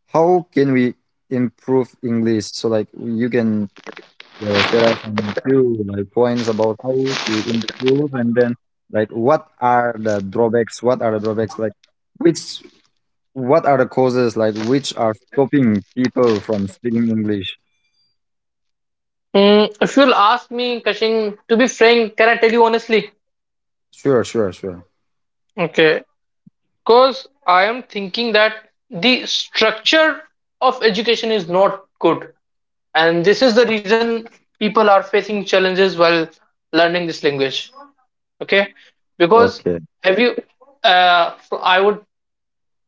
[SPEAKER 1] how can we improve English? So, like you can uh, share us some few like points about how to improve, and then like what are the drawbacks what are the drawbacks like which what are the causes like which are stopping people from speaking English?
[SPEAKER 2] Mm, if you'll ask me, Kashin, to be frank, can I tell you honestly?
[SPEAKER 1] Sure, sure, sure.
[SPEAKER 2] Okay. Because I am thinking that the structure of education is not good. And this is the reason people are facing challenges while learning this language. Okay, because
[SPEAKER 1] Okay,
[SPEAKER 2] have you uh, so I would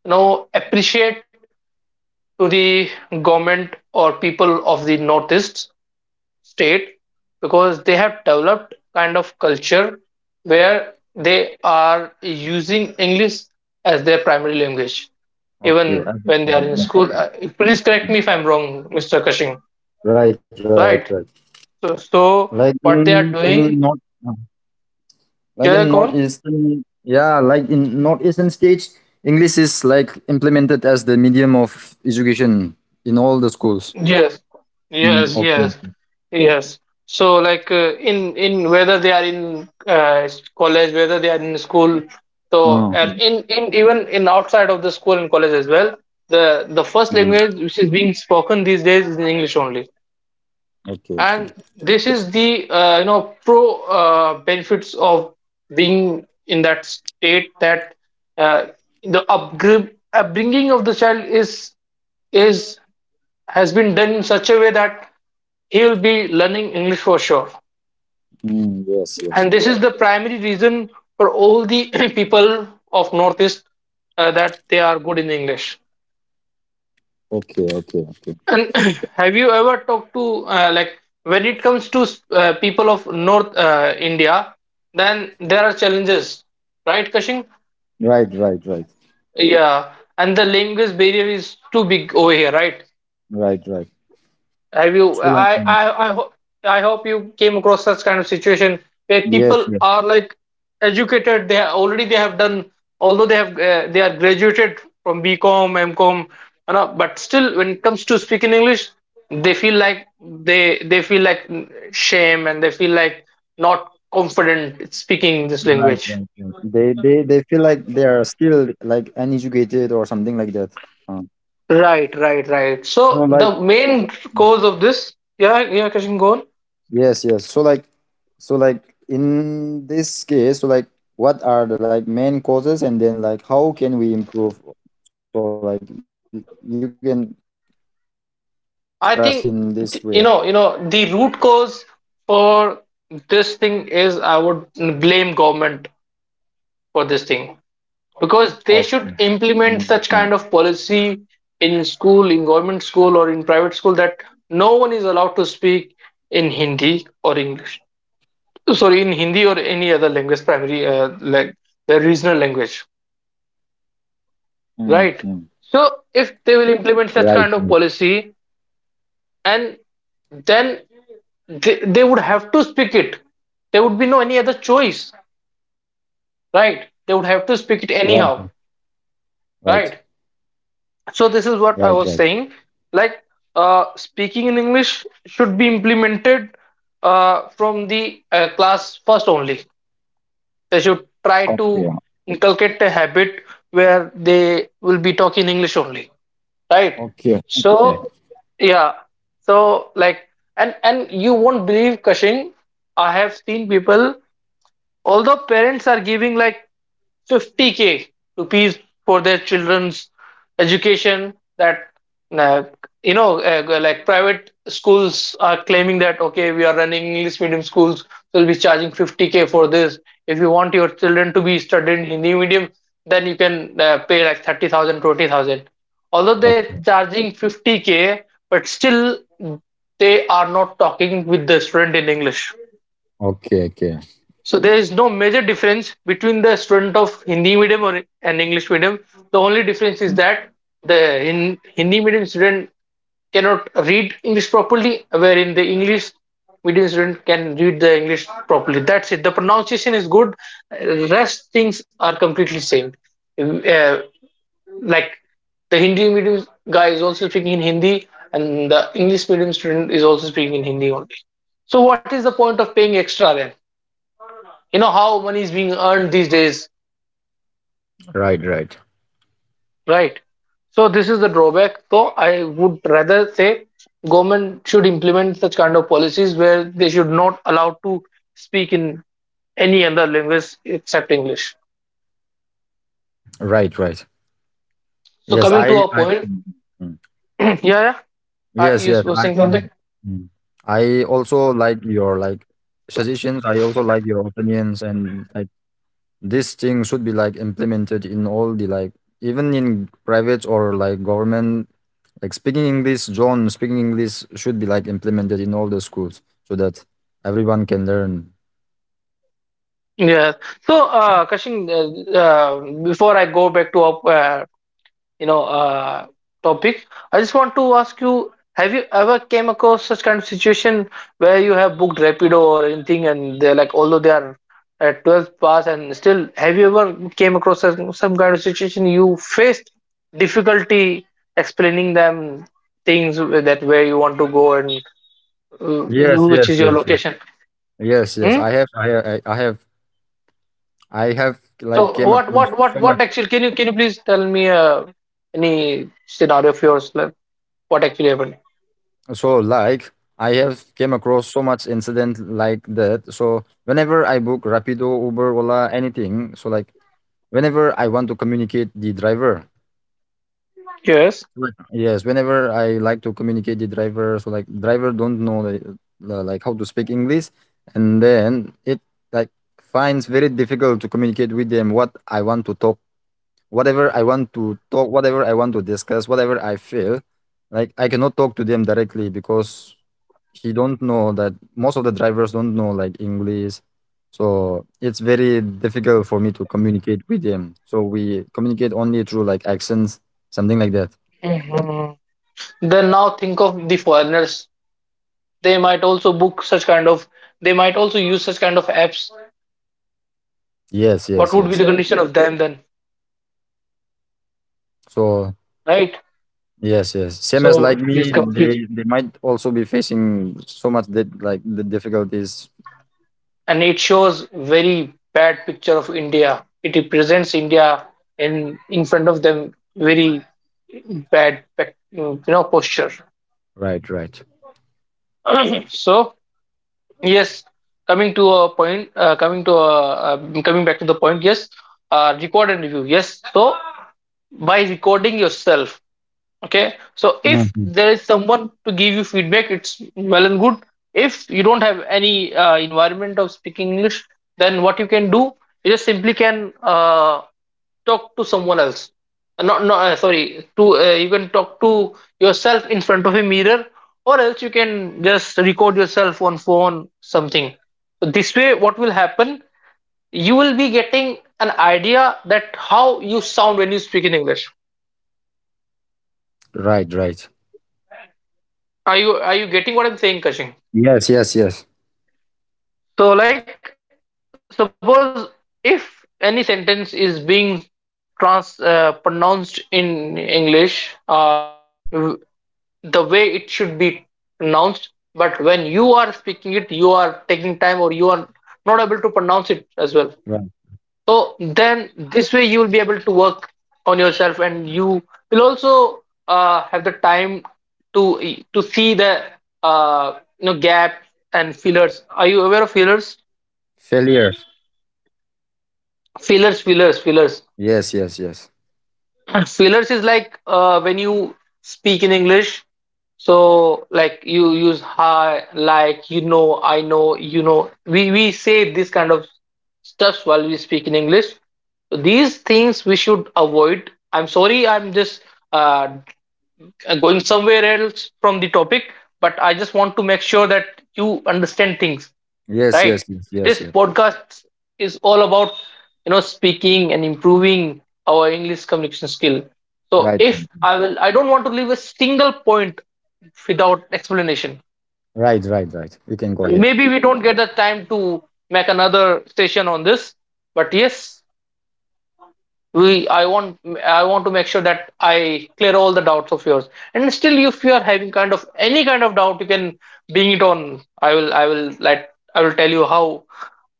[SPEAKER 2] you know appreciate to the government or people of the northeast state, because they have developed kind of culture where they are using English as their primary language, even
[SPEAKER 1] okay. Uh,
[SPEAKER 2] when they are in
[SPEAKER 1] mm,
[SPEAKER 2] school. Uh, please correct me if I'm wrong, Mr. Kashing,
[SPEAKER 1] right, right, right.
[SPEAKER 2] right? so,
[SPEAKER 1] Like in
[SPEAKER 2] so what they
[SPEAKER 1] in
[SPEAKER 2] are
[SPEAKER 1] north
[SPEAKER 2] doing?
[SPEAKER 1] uh, like in
[SPEAKER 2] Yeah, go on.
[SPEAKER 1] northeastern, yeah, like in northeastern states, English is like implemented as the medium of education in all the schools.
[SPEAKER 2] Yes,
[SPEAKER 1] Mm,
[SPEAKER 2] yes,
[SPEAKER 1] okay,
[SPEAKER 2] yes,
[SPEAKER 1] okay.
[SPEAKER 2] yes. So, like uh, in in whether they are in uh, s- college, whether they are in school, so
[SPEAKER 1] Uh,
[SPEAKER 2] and
[SPEAKER 1] mm,
[SPEAKER 2] in in even in outside of the school and college as well, the the
[SPEAKER 1] mm.
[SPEAKER 2] first language which is being spoken these days is English only,
[SPEAKER 1] Okay, okay.
[SPEAKER 2] and this is the uh, you know pro uh, benefits of being in that state, that uh, the upgr- upbringing of the child is is has been done in such a way that he will be learning English for sure.
[SPEAKER 1] Mm, yes, yes.
[SPEAKER 2] And this is the primary reason for all the people of Northeast, uh, that they are good in English.
[SPEAKER 1] Okay, okay, okay.
[SPEAKER 2] And have you ever talked to uh, like when it comes to uh, people of North uh, India, then there are challenges, right, Kashing?
[SPEAKER 1] Right, right, right,
[SPEAKER 2] Yeah, and the language barrier is too big over here, right?
[SPEAKER 1] right, right.
[SPEAKER 2] Have you?
[SPEAKER 1] So like,
[SPEAKER 2] I
[SPEAKER 1] um,
[SPEAKER 2] I I hope, I hope you came across such kind of situation where
[SPEAKER 1] yes,
[SPEAKER 2] people
[SPEAKER 1] yes.
[SPEAKER 2] are like educated. They are, already they have done, although they have uh, they are graduated from BCom, MCom, you know, but still when it comes to speaking English, they feel like they they feel like shame, and they feel like not confident speaking this
[SPEAKER 1] Right,
[SPEAKER 2] language.
[SPEAKER 1] right, right. They, they, they feel like they are still like uneducated or something like that. Uh,
[SPEAKER 2] Right, right, right.
[SPEAKER 1] so
[SPEAKER 2] So
[SPEAKER 1] like,
[SPEAKER 2] the main cause of this, yeah, yeah, Kashin, go on.
[SPEAKER 1] yes, yes. So like, so like in this case, so like, what are the like main causes, and then like, how can we improve? So like, y- you can share us in this way.
[SPEAKER 2] I think th- you know, you know, the root cause for this thing is, I would blame government for this thing,
[SPEAKER 1] Okay. Mm,
[SPEAKER 2] because
[SPEAKER 1] mm.
[SPEAKER 2] they should implement such kind of policy in school, in government school or in private school, that no one is allowed to speak in Hindi or English. Sorry, in Hindi or any other language, primary uh, like the regional language,
[SPEAKER 1] Mm-hmm.
[SPEAKER 2] right? So
[SPEAKER 1] Right,
[SPEAKER 2] if they will implement such kind of policy and then they, they would have to speak it, there would be no any other choice, right? They would have to
[SPEAKER 1] right,
[SPEAKER 2] speak it anyhow,
[SPEAKER 1] right, right,
[SPEAKER 2] right?
[SPEAKER 1] right,
[SPEAKER 2] So this
[SPEAKER 1] right.
[SPEAKER 2] is what I was saying, like uh, speaking in English should be implemented uh, from the uh, class first only. They should try
[SPEAKER 1] Okay,
[SPEAKER 2] to inculcate a habit where they will be talking English only, right?
[SPEAKER 1] okay, okay,
[SPEAKER 2] So yeah, so like, and and you won't believe, Cushing, I have seen people. Although parents are giving like fifty k rupees for their children's education, that uh, you know, uh, like private schools are claiming that, okay, we are running English medium schools, so we'll be charging fifty k for this. If you want your children to be studied in Hindi medium, then you can uh, pay like thirty thousand, twenty thousand. Although they're
[SPEAKER 1] okay,
[SPEAKER 2] charging fifty k, but still they are not talking with the student in English.
[SPEAKER 1] okay, okay.
[SPEAKER 2] So there is no major difference between the student of Hindi medium or an English medium. The only difference is that the in Hindi medium student cannot read English properly, wherein the English medium student can read the English properly. That's it. The pronunciation is good. Uh, Rest things are completely same. Uh, like the Hindi medium guy is also speaking in Hindi, and the English medium student is also speaking in Hindi only. So what is the point of paying extra then? You know how money is being earned these days,
[SPEAKER 1] Right, right,
[SPEAKER 2] right? So this is the drawback. So I would rather say government should implement such kind of policies where they should not allow to speak in any other language except English.
[SPEAKER 1] right, right.
[SPEAKER 2] So
[SPEAKER 1] Yes,
[SPEAKER 2] coming
[SPEAKER 1] I,
[SPEAKER 2] to our
[SPEAKER 1] I.
[SPEAKER 2] point.
[SPEAKER 1] Mm, mm.
[SPEAKER 2] Yeah, yeah, uh,
[SPEAKER 1] Yes,
[SPEAKER 2] you
[SPEAKER 1] yes,
[SPEAKER 2] were
[SPEAKER 1] I.
[SPEAKER 2] saying something.
[SPEAKER 1] Um, mm. I also like your like suggestions. I also like your opinions and like. This thing should be like implemented in all the like, even in private or like government, like speaking English john speaking English should be like implemented in all the schools so that everyone can learn.
[SPEAKER 2] Yeah, so uh Kashin, uh, uh, before I go back to our uh, you know uh, topic, I just want to ask you, have you ever came across such kind of situation where you have booked Rapido or anything, and they're like, although they are at twelfth pass, and still have you ever came across some, some kind of situation you faced difficulty explaining them things, that where you want to go, and uh,
[SPEAKER 1] Yes,
[SPEAKER 2] which
[SPEAKER 1] yes,
[SPEAKER 2] is your
[SPEAKER 1] yes.
[SPEAKER 2] location?
[SPEAKER 1] Yes, yes, yes.
[SPEAKER 2] Hmm?
[SPEAKER 1] I have I, I I have I have
[SPEAKER 2] So
[SPEAKER 1] like came
[SPEAKER 2] what
[SPEAKER 1] across
[SPEAKER 2] what what
[SPEAKER 1] so
[SPEAKER 2] what
[SPEAKER 1] much.
[SPEAKER 2] actually, can you, can you please tell me uh, any scenario of yours, like what actually happened?
[SPEAKER 1] So like I have came across so much incident like that. So whenever I book Rapido, Uber, Ola, anything, so like whenever I want to communicate the driver.
[SPEAKER 2] Yes.
[SPEAKER 1] Right. Yes, whenever I like to communicate the driver, so like driver don't know like, uh, like how to speak English, and then it like finds very difficult to communicate with them what I want to talk, whatever I want to talk, whatever I want to discuss, whatever I feel. Like I cannot talk to them directly because he don't know that most of the drivers don't know like English, so it's very difficult for me to communicate with them. So we communicate only through like accents, something like that.
[SPEAKER 2] Mhm. Then now think of the foreigners. They might also book such kind of, they might also use such kind of apps.
[SPEAKER 1] Yes,
[SPEAKER 2] What
[SPEAKER 1] yes,
[SPEAKER 2] would be
[SPEAKER 1] yes.
[SPEAKER 2] the condition of them then,
[SPEAKER 1] So
[SPEAKER 2] right?
[SPEAKER 1] yes, yes. Same as
[SPEAKER 2] So
[SPEAKER 1] like
[SPEAKER 2] it's
[SPEAKER 1] me,
[SPEAKER 2] complete,
[SPEAKER 1] they they might also be facing so much that like the difficulties.
[SPEAKER 2] and it shows very bad picture of India. It represents India in in front of them very bad, you know, posture.
[SPEAKER 1] Right, right.
[SPEAKER 2] So yes, coming to a point, uh, coming to a, uh, um, coming back to the point, yes, uh, record and review. Yes, so by recording yourself, okay. So if
[SPEAKER 1] Mhm.
[SPEAKER 2] there is someone to give you feedback, it's well and good. If you don't have any uh, environment of speaking English, then what you can do, you just simply can uh, talk to someone else. Uh, not no uh, Sorry to uh, you can talk to yourself in front of a mirror, or else you can just record yourself on phone, something. So this way what will happen, you will be getting an idea that how you sound when you speak in English.
[SPEAKER 1] Right, right.
[SPEAKER 2] Are you, are you getting what I'm saying, Kashin?
[SPEAKER 1] Yes, yes, yes.
[SPEAKER 2] So like suppose if any sentence is being trans uh, pronounced in English uh the way it should be pronounced, but when you are speaking it you are taking time or you are not able to pronounce it as well,
[SPEAKER 1] Right.
[SPEAKER 2] so then this way you will be able to work on yourself, and you will also uh, have the time to to see the uh, you know gap and fillers. Are you aware of fillers?
[SPEAKER 1] Failures.
[SPEAKER 2] Fillers fillers fillers.
[SPEAKER 1] Yes, yes, yes.
[SPEAKER 2] Fillers is like uh, when you speak in English, so like you use hi, like you know, I know, you know. We we say this kind of stuffs while we speak in English. So these things we should avoid. I'm sorry, I'm just uh, uh, going somewhere else from the topic, but I just want to make sure that you understand things,
[SPEAKER 1] Yes, yes,
[SPEAKER 2] right?
[SPEAKER 1] yes, yes,
[SPEAKER 2] This
[SPEAKER 1] yes.
[SPEAKER 2] podcast is all about you know speaking and improving our English communication skill. So
[SPEAKER 1] Right,
[SPEAKER 2] if
[SPEAKER 1] right,
[SPEAKER 2] I will, I don't want to leave a single point without explanation.
[SPEAKER 1] right, right. Right. You can go ahead.
[SPEAKER 2] Maybe we don't get the time to make another session on this, but yes, we i want i want to make sure that I clear all the doubts of yours, and still if you are having kind of any kind of doubt you can bring it on. i will i will let I will tell you how,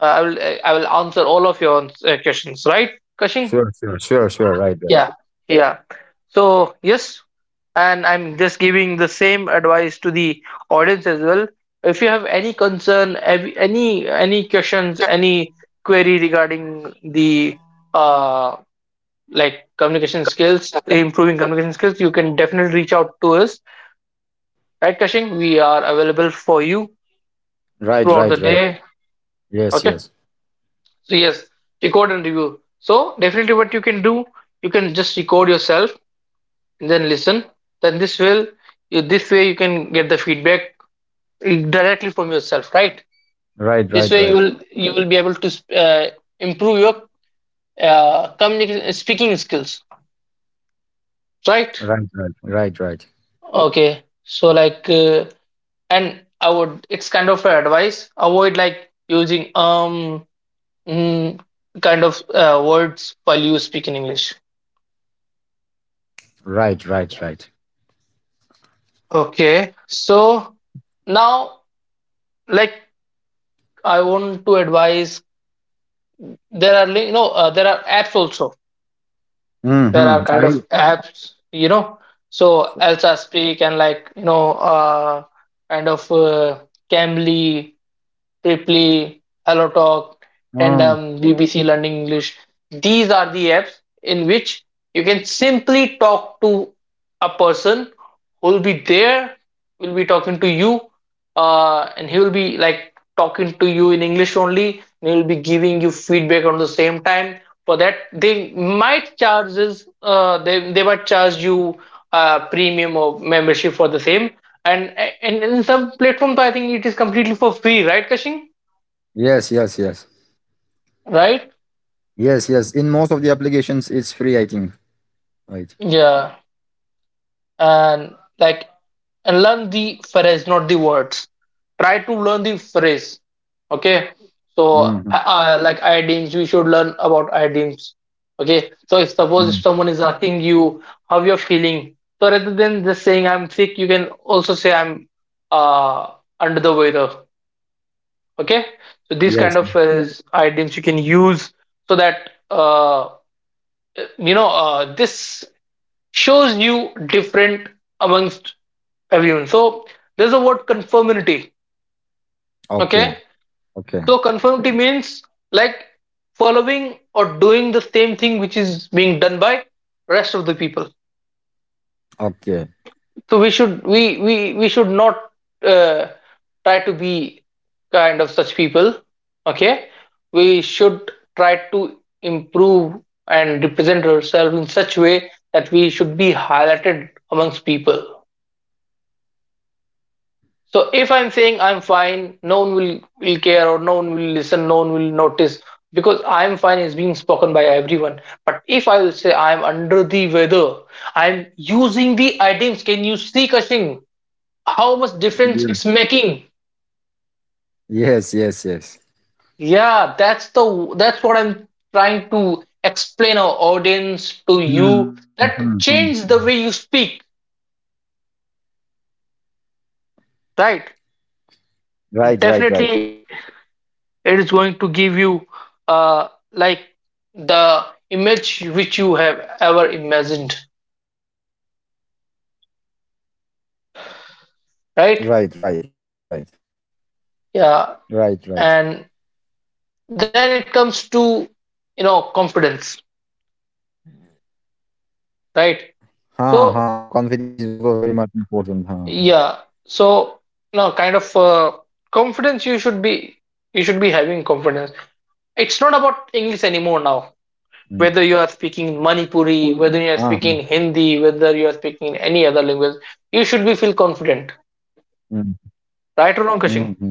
[SPEAKER 2] uh, i will I will answer all of your uh, questions, right, Kashing?
[SPEAKER 1] Sure, sure, sure, sure. Right, right.
[SPEAKER 2] Yeah, yeah. So yes, and I'm just giving the same advice to the audience as well. If you have any concern, ev- any any questions, any query regarding the uh, like communication skills, improving communication skills, you can definitely reach out to us. Right, Kashing? We are available for you throughout the day.
[SPEAKER 1] Right, right,
[SPEAKER 2] Okay.
[SPEAKER 1] right.
[SPEAKER 2] So
[SPEAKER 1] Yes, yes.
[SPEAKER 2] yes, record and review. So definitely what you can do, you can just record yourself and then listen. Then this will, this way you can get the feedback directly from yourself, right? This way you will you will be
[SPEAKER 1] Right,
[SPEAKER 2] able to
[SPEAKER 1] right, right.
[SPEAKER 2] uh, improve your uh, communication speaking skills, right?
[SPEAKER 1] Right, right,
[SPEAKER 2] Okay.
[SPEAKER 1] right, right.
[SPEAKER 2] So like uh, and I would it's kind of a advice avoid like using um mm, kind of uh, words while you speak in English.
[SPEAKER 1] Right, right, right.
[SPEAKER 2] Okay, so now like I want to advise there are li- you know uh, there are apps also, there are kind of apps you
[SPEAKER 1] Mm-hmm.
[SPEAKER 2] know
[SPEAKER 1] I.
[SPEAKER 2] So Elsa Speak and like you
[SPEAKER 1] So,
[SPEAKER 2] know uh, kind of uh, Cambly, Triply, HelloTalk, Tandem, B B C Learning English.
[SPEAKER 1] oh.
[SPEAKER 2] These are the apps in which you can simply talk to a person who will be there, will be talking to you, uh, and he will be like talking to you in English only. And he will be giving you feedback on the same time. For that, they might charges. Uh, they they might charge you uh, premium or membership for the same, and and in some platforms, I think it is completely for free, right, Kashing?
[SPEAKER 1] Yes, yes, yes.
[SPEAKER 2] Right?
[SPEAKER 1] Yes, yes. In most of the applications, it's free, I think.
[SPEAKER 2] Yeah.
[SPEAKER 1] Right.
[SPEAKER 2] And like, and learn the phrase, not the words. Try to learn the phrase. Okay. So uh, uh, like idioms, we
[SPEAKER 1] Mm-hmm.
[SPEAKER 2] should learn about idioms. Okay. So if suppose if someone is asking you
[SPEAKER 1] Mm.
[SPEAKER 2] how you're feeling, so rather than just saying I'm sick, you can also say I'm uh under the weather. Okay, so these kind of uh, items you
[SPEAKER 1] Yes,
[SPEAKER 2] can
[SPEAKER 1] yes.
[SPEAKER 2] use so that uh, you know uh, this shows you different amongst everyone. So there's a word conformity. Okay, so
[SPEAKER 1] Okay.
[SPEAKER 2] conformity means
[SPEAKER 1] Okay.
[SPEAKER 2] like following or doing the same thing which is being done by rest of the people. So we should, we
[SPEAKER 1] Okay.
[SPEAKER 2] we we should not uh, try to be kind of such people. Okay, we should try to improve and represent ourselves in such way that we should be highlighted amongst people. So if I'm saying I'm fine, no one will will care or no one will listen, no one will notice because I'm fine is being spoken by everyone. But if I will say I'm under the weather, I'm using the items. Can you see, Kashing? How much difference it's making.
[SPEAKER 1] Yeah. Yes, yes,
[SPEAKER 2] Yeah,
[SPEAKER 1] yes.
[SPEAKER 2] that's the that's what I'm trying to explain our audience to you, that change the way
[SPEAKER 1] Mm-hmm.
[SPEAKER 2] you speak, right?
[SPEAKER 1] Right,
[SPEAKER 2] Definitely
[SPEAKER 1] right, right.
[SPEAKER 2] it is going to give you uh like the image which you have ever imagined,
[SPEAKER 1] Right,
[SPEAKER 2] right?
[SPEAKER 1] right, right. Right,
[SPEAKER 2] Yeah.
[SPEAKER 1] right.
[SPEAKER 2] And then it comes to you know confidence, right?
[SPEAKER 1] Ha, ha.
[SPEAKER 2] So
[SPEAKER 1] Confidence is also very much important. Ha. Right.
[SPEAKER 2] yeah. So no kind of uh, confidence you should be you should be having confidence. It's not about English anymore now.
[SPEAKER 1] Mm.
[SPEAKER 2] Whether you are speaking Manipuri,
[SPEAKER 1] Ha.
[SPEAKER 2] whether you are speaking Hindi, whether you are speaking any other language, you should be feel confident. Right or wrong, Kashing?
[SPEAKER 1] Mm-hmm.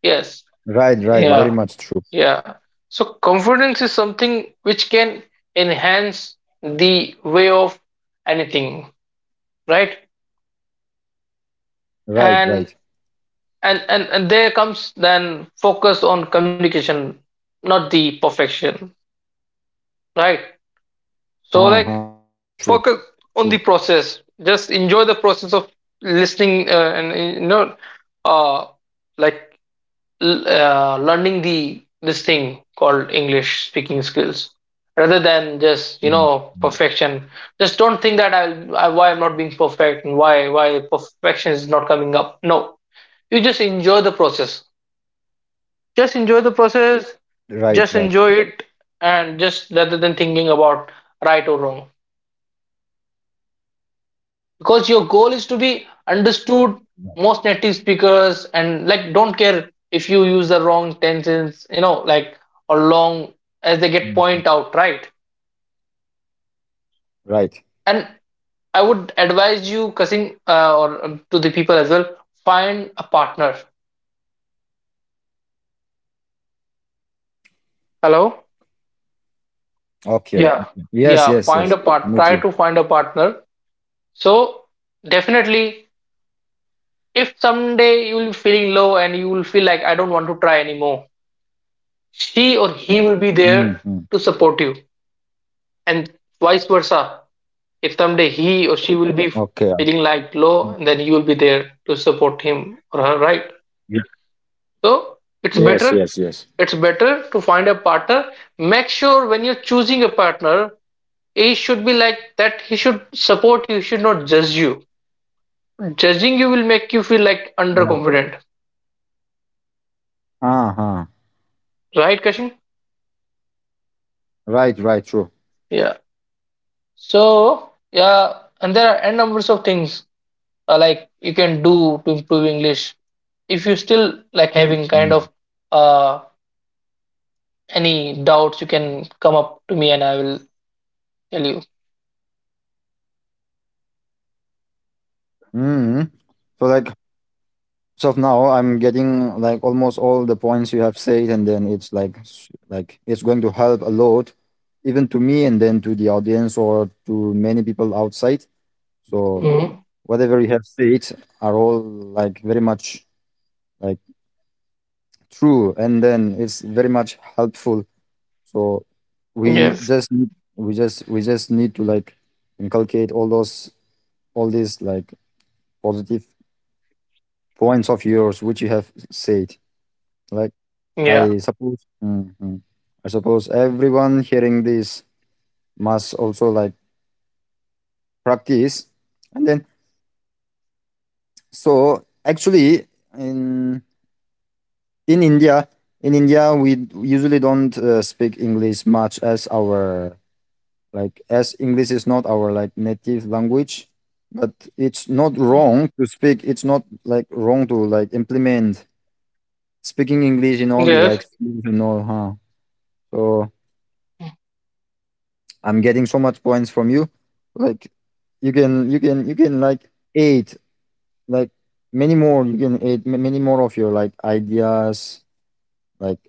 [SPEAKER 2] Yes.
[SPEAKER 1] Right, right,
[SPEAKER 2] Yeah.
[SPEAKER 1] very
[SPEAKER 2] Yeah.
[SPEAKER 1] much true.
[SPEAKER 2] Yeah. So confidence is something which can enhance the way of anything, right?
[SPEAKER 1] Right, right.
[SPEAKER 2] And. and and and there comes then focus on communication, not the perfection, right?
[SPEAKER 1] Ha
[SPEAKER 2] So
[SPEAKER 1] ha,
[SPEAKER 2] like
[SPEAKER 1] true, true.
[SPEAKER 2] focus on the process. Just enjoy the process of listening, uh, and uh, you know uh like l- uh, learning the this thing called English speaking skills, rather than
[SPEAKER 1] Mm,
[SPEAKER 2] just you
[SPEAKER 1] mm.
[SPEAKER 2] know perfection. Just don't think that i'll I, why I'm not being perfect and why why perfection is not coming up. No, you just enjoy the process. Just enjoy the process,
[SPEAKER 1] Right, right.
[SPEAKER 2] just enjoy it, and just rather than thinking about right or wrong. Because your goal is to be
[SPEAKER 1] Right.
[SPEAKER 2] understood. Most native speakers and like don't care if you use the wrong tenses, you know, like, or long, as
[SPEAKER 1] Mm,
[SPEAKER 2] they
[SPEAKER 1] mm.
[SPEAKER 2] get point out, right?
[SPEAKER 1] Right.
[SPEAKER 2] And I would advise you, cussing uh, or um, to the people as well, find a partner. Hello?
[SPEAKER 1] Okay, okay.
[SPEAKER 2] Yeah.
[SPEAKER 1] Yes, yes, yes.
[SPEAKER 2] Yeah,
[SPEAKER 1] I'm
[SPEAKER 2] find a
[SPEAKER 1] with you.
[SPEAKER 2] part. Try to find a partner. So definitely if someday you will be feeling low and you will feel like I don't want to try anymore, she or he will be there
[SPEAKER 1] Mm-hmm.
[SPEAKER 2] to support you, and vice versa. If someday he or she will be
[SPEAKER 1] Okay. I
[SPEAKER 2] feeling like
[SPEAKER 1] think-
[SPEAKER 2] low, then you will be there to support him or her, right?
[SPEAKER 1] Yeah.
[SPEAKER 2] So it's
[SPEAKER 1] Yes,
[SPEAKER 2] better.
[SPEAKER 1] yes, yes.
[SPEAKER 2] It's better to find a partner. Make sure when you're choosing a partner, he should be like that. He should support you. He should not judge you. Judging you will make you feel like
[SPEAKER 1] Right.
[SPEAKER 2] underconfident,
[SPEAKER 1] Uh-huh.
[SPEAKER 2] right, Kashin?
[SPEAKER 1] Right, right, true.
[SPEAKER 2] Yeah. So yeah, and there are n numbers of things uh, like you can do to improve English. If you still like having kind of
[SPEAKER 1] Mm.
[SPEAKER 2] uh any doubts, you can come up to me and I will tell you.
[SPEAKER 1] Hmm. So like, so now I'm getting like almost all the points you have said, and then it's like s- like it's going to help a lot even to me and then to the audience or to many people outside. So
[SPEAKER 2] Mm.
[SPEAKER 1] whatever you have said are all like very much like true, and then it's very much. So we
[SPEAKER 2] Yes.
[SPEAKER 1] just need, we just we just need to like inculcate all those, all these like positive points of yours which you have said. Like I
[SPEAKER 2] Yeah.
[SPEAKER 1] suppose, mhm. I suppose everyone hearing this must also like practice, and then so actually in in India, in India, we d- usually don't uh, speak English much as our like, as English is not our like native language, but it's not wrong to speak. It's not like wrong to like implement speaking English in all the like
[SPEAKER 2] Yes.
[SPEAKER 1] schools and all, huh? So I'm getting so much points from you. Like you can you can you can like aid like many more, you can aid ma- many more of your like ideas like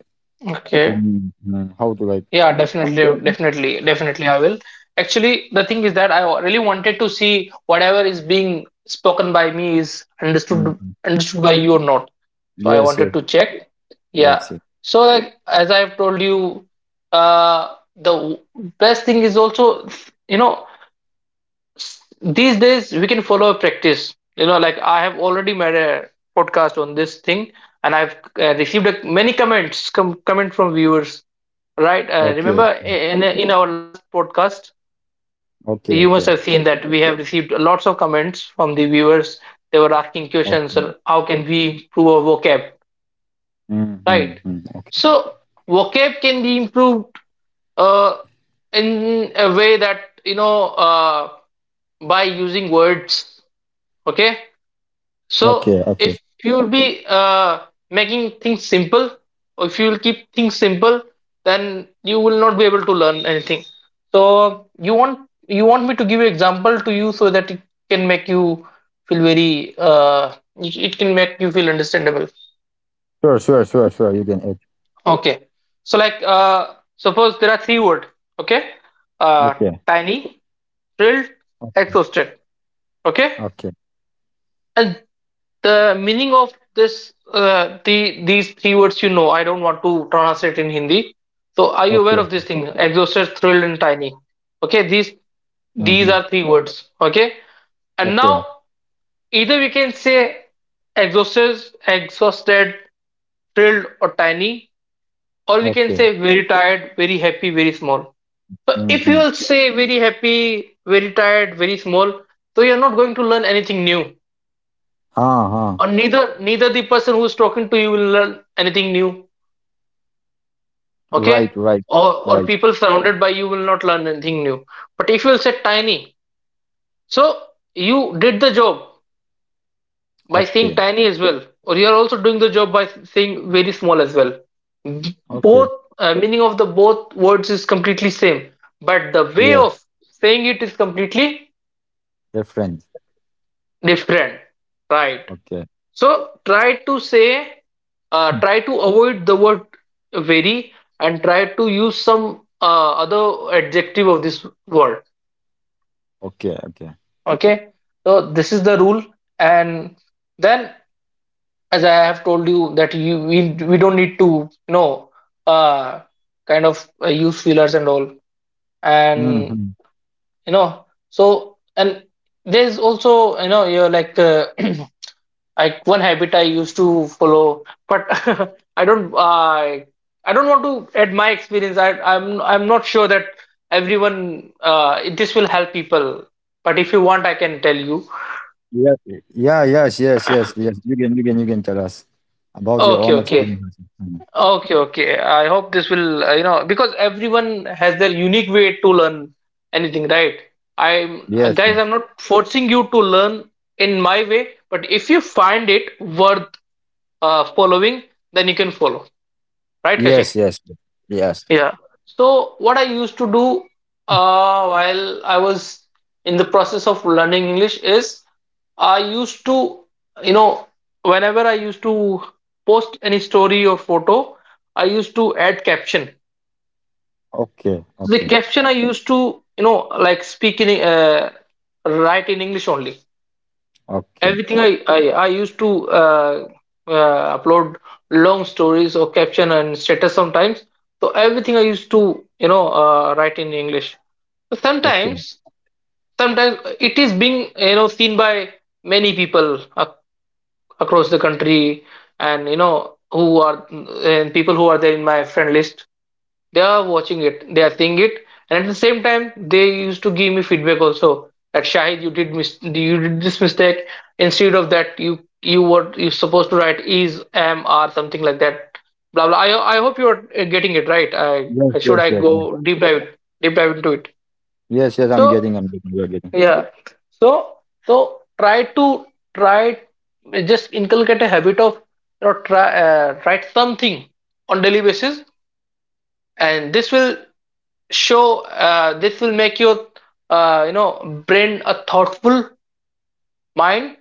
[SPEAKER 2] Okay.
[SPEAKER 1] in uh, how to like.
[SPEAKER 2] Yeah, definitely, definitely, definitely I will. Actually, the thing is that I really wanted to see whatever is being spoken by me is
[SPEAKER 1] uh,
[SPEAKER 2] understood understood by you or not, so I
[SPEAKER 1] Yes, yes,
[SPEAKER 2] wanted to check.
[SPEAKER 1] yes,
[SPEAKER 2] Yeah.
[SPEAKER 1] yes.
[SPEAKER 2] So like, as I've told you, uh the w- best thing is also, you know, s- these days we can follow a practice, you know, like I have already made a podcast on this thing, and I've uh, received a, many comments com- comment from viewers, right?
[SPEAKER 1] Okay,
[SPEAKER 2] uh, remember i- in, in our last podcast,
[SPEAKER 1] okay, okay,
[SPEAKER 2] you must have seen that we have received lots of comments from the viewers. They were asking
[SPEAKER 1] okay.
[SPEAKER 2] questions uh, how can we improve our vocab.
[SPEAKER 1] Mm-hmm, mm-hmm.
[SPEAKER 2] Right.
[SPEAKER 1] Okay,
[SPEAKER 2] So vocab can be improved uh, in a way that, you know, uh, by using words. Okay.
[SPEAKER 1] okay,
[SPEAKER 2] So
[SPEAKER 1] okay.
[SPEAKER 2] if you'll be uh, making things simple, or if you'll keep things simple, then you will not be able to learn anything. So you want, you want me to give an example to you so that it can make you feel very uh, it it can make you feel understandable.
[SPEAKER 1] Sure, sure, sure, sure. You can eat.
[SPEAKER 2] Okay. So like uh suppose there are three word, okay? Uh
[SPEAKER 1] Okay,
[SPEAKER 2] Tiny, thrilled,
[SPEAKER 1] okay,
[SPEAKER 2] exhausted. Okay?
[SPEAKER 1] okay,
[SPEAKER 2] And the meaning of this uh the these three words, you know, I don't want to translate in Hindi. So are you
[SPEAKER 1] okay.
[SPEAKER 2] aware of this thing? Exhausted, thrilled, and tiny. Okay, these these
[SPEAKER 1] Mm-hmm.
[SPEAKER 2] are three words. Okay. And
[SPEAKER 1] Okay,
[SPEAKER 2] now either we can say exhausted, exhausted, thrilled, or tiny, or we can
[SPEAKER 1] okay.
[SPEAKER 2] say very tired, very happy, very small. So if you
[SPEAKER 1] Mm-hmm.
[SPEAKER 2] will say very happy, very tired, very small, so you're not going to learn anything new.
[SPEAKER 1] Uh-huh.
[SPEAKER 2] Or neither neither the person who's talking to you will learn anything new. Okay?
[SPEAKER 1] Right, right,
[SPEAKER 2] Or or
[SPEAKER 1] right.
[SPEAKER 2] people surrounded by you will not learn anything new. But if you'll say tiny, so you did the job by
[SPEAKER 1] Okay,
[SPEAKER 2] saying tiny as well, or you're also doing the job by saying very small as well.
[SPEAKER 1] okay.
[SPEAKER 2] Both uh, meaning of the both words is completely same, but the
[SPEAKER 1] Yes,
[SPEAKER 2] way of saying it is completely
[SPEAKER 1] different.
[SPEAKER 2] different. Right.
[SPEAKER 1] Okay,
[SPEAKER 2] So try to say,
[SPEAKER 1] mm,
[SPEAKER 2] uh, try to avoid the word very and try to use some uh, other adjective of this word.
[SPEAKER 1] okay, okay.
[SPEAKER 2] Okay. So this is the rule. And then, as I have told you, that you, we, we don't need to, you know, uh, kind of uh, use fillers and all. And,
[SPEAKER 1] Mm-hmm.
[SPEAKER 2] you know, so and there's also, you know, you're like uh, I, one habit I used to follow, but I don't. I I don't want to add my experience. I, I'm I'm not sure that everyone uh, this will help people. But if you want, I can tell you.
[SPEAKER 1] Yeah, yeah, yes, yes, yes, yes. You can, you can, you can tell us about your
[SPEAKER 2] Okay, yes.
[SPEAKER 1] own
[SPEAKER 2] Okay,
[SPEAKER 1] experiences. Mhm.
[SPEAKER 2] okay, okay. I hope this will, uh, you know because everyone has their unique way to learn anything, right? I'm
[SPEAKER 1] Yes,
[SPEAKER 2] uh,
[SPEAKER 1] yes,
[SPEAKER 2] guys, I'm not forcing you to learn in my way, but if you find it worth uh, following, then you can follow, right,
[SPEAKER 1] yes,
[SPEAKER 2] Kashing?
[SPEAKER 1] yes, yes. Yes.
[SPEAKER 2] Yeah. So what I used to do uh, while I was in the process of learning English is I used to, you know, whenever I used to post any story or photo, I used to add caption.
[SPEAKER 1] Okay,
[SPEAKER 2] The
[SPEAKER 1] okay,
[SPEAKER 2] caption I used to, you know, like speak in uh, write in English only.
[SPEAKER 1] okay,
[SPEAKER 2] Everything I I, I used to uh, uh, upload long stories or caption and status sometimes. So everything I used to, you know, uh, write in English. So
[SPEAKER 1] okay.
[SPEAKER 2] sometimes sometimes it is being, you know, seen by many people ac- across the country, and, you know, who are and people who are there in my friend list, they are watching it, they are seeing it, and at the same time, they used to give me feedback also that Shahid, you did mis- you did this mistake. Instead of that, you you were you supposed to write is, am, are, something like that. Blah blah. I I hope you are uh, getting it right. I, I
[SPEAKER 1] Yes,
[SPEAKER 2] should
[SPEAKER 1] yes,
[SPEAKER 2] I
[SPEAKER 1] yes, yes.
[SPEAKER 2] go deep dive deep dive into it.
[SPEAKER 1] Yes, yes, I'm
[SPEAKER 2] So
[SPEAKER 1] getting, I'm getting, you're getting.
[SPEAKER 2] yeah. So so try to try, just inculcate a habit of, you know, try uh, write something on daily basis, and this will show uh, this will make your uh, you know brain a thoughtful mind,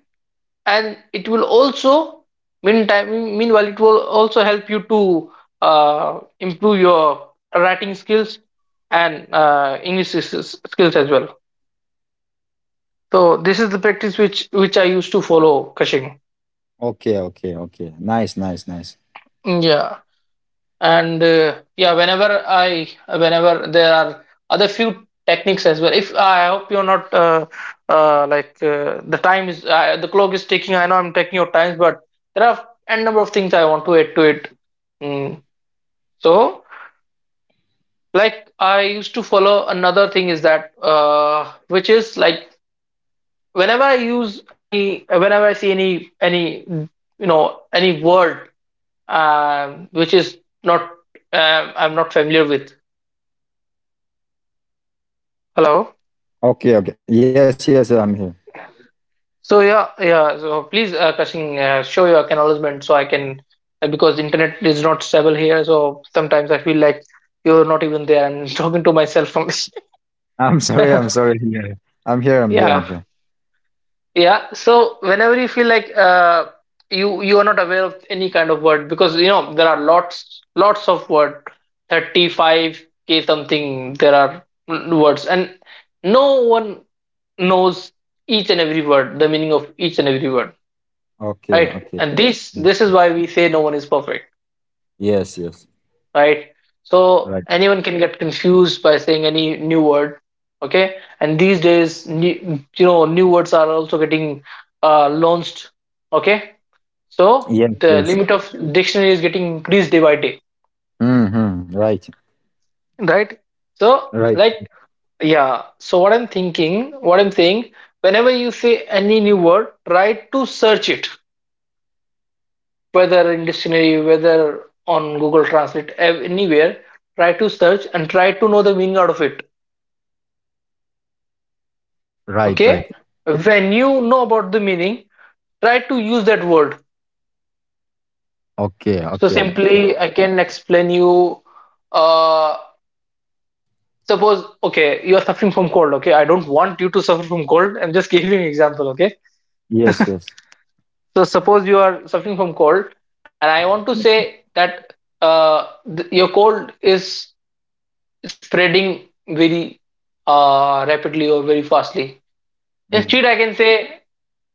[SPEAKER 2] and it will also meantime meanwhile it will also help you to uh, improve your writing skills and uh, English s- s- skills as well. So this is the practice which which I used to follow, Kashing.
[SPEAKER 1] Okay, okay, okay. Nice, nice, nice.
[SPEAKER 2] Yeah. And, uh, yeah, whenever I, whenever there are other few techniques as well. If I hope you're not uh, uh, like uh, the time is uh, the clock is ticking. I know I'm taking your time, but there are n number of things I want to add to it. Mm. So, like I used to follow another thing is that uh, which is like whenever I use any whenever I see any any you know any word um, which is not um, I'm not familiar with. Hello.
[SPEAKER 1] Okay, okay. Yes, yes, I'm here.
[SPEAKER 2] So yeah, yeah. So please, uh, Kashin, uh, show your acknowledgement so I can, uh, because internet is not stable here. So sometimes I feel like you're not even there. I'm talking to myself from.
[SPEAKER 1] I'm sorry, I'm sorry. Yeah. I'm here, I'm here,
[SPEAKER 2] yeah,
[SPEAKER 1] I'm here.
[SPEAKER 2] yeah. So whenever you feel like uh, you you are not aware of any kind of word, because you know there are lots lots of word, thirty five k something. There are mm, words, and no one knows each and every word, the meaning of each and every word,
[SPEAKER 1] Okay,
[SPEAKER 2] right.
[SPEAKER 1] okay.
[SPEAKER 2] And this this is why we say no one is perfect,
[SPEAKER 1] Yes, yes.
[SPEAKER 2] right. So
[SPEAKER 1] Right.
[SPEAKER 2] anyone can get confused by saying any new word. Okay. And these days, new, you know, new words are also getting uh, launched. Okay. So
[SPEAKER 1] Yes,
[SPEAKER 2] the
[SPEAKER 1] yes.
[SPEAKER 2] limit of dictionary is getting increased day by day,
[SPEAKER 1] Mm-hmm. Right,
[SPEAKER 2] right. So
[SPEAKER 1] right,
[SPEAKER 2] like, yeah, so what i'm thinking what I'm saying, whenever you say any new word, try to search it, whether in dictionary, whether on Google Translate, ev- anywhere, try to search and try to know the meaning out of it.
[SPEAKER 1] right, right.
[SPEAKER 2] Okay? When you know about the meaning, try to use that word.
[SPEAKER 1] Okay,
[SPEAKER 2] So
[SPEAKER 1] okay, okay.
[SPEAKER 2] simply, I can explain you. Uh, suppose, okay, you are suffering from cold. Okay, I don't want you to suffer from cold. I'm just giving an example. Okay,
[SPEAKER 1] Yes, yes.
[SPEAKER 2] so suppose you are suffering from cold, and I want to say that uh, th- your cold is spreading very uh, rapidly or very fastly.
[SPEAKER 1] Mm.
[SPEAKER 2] Instead, I can say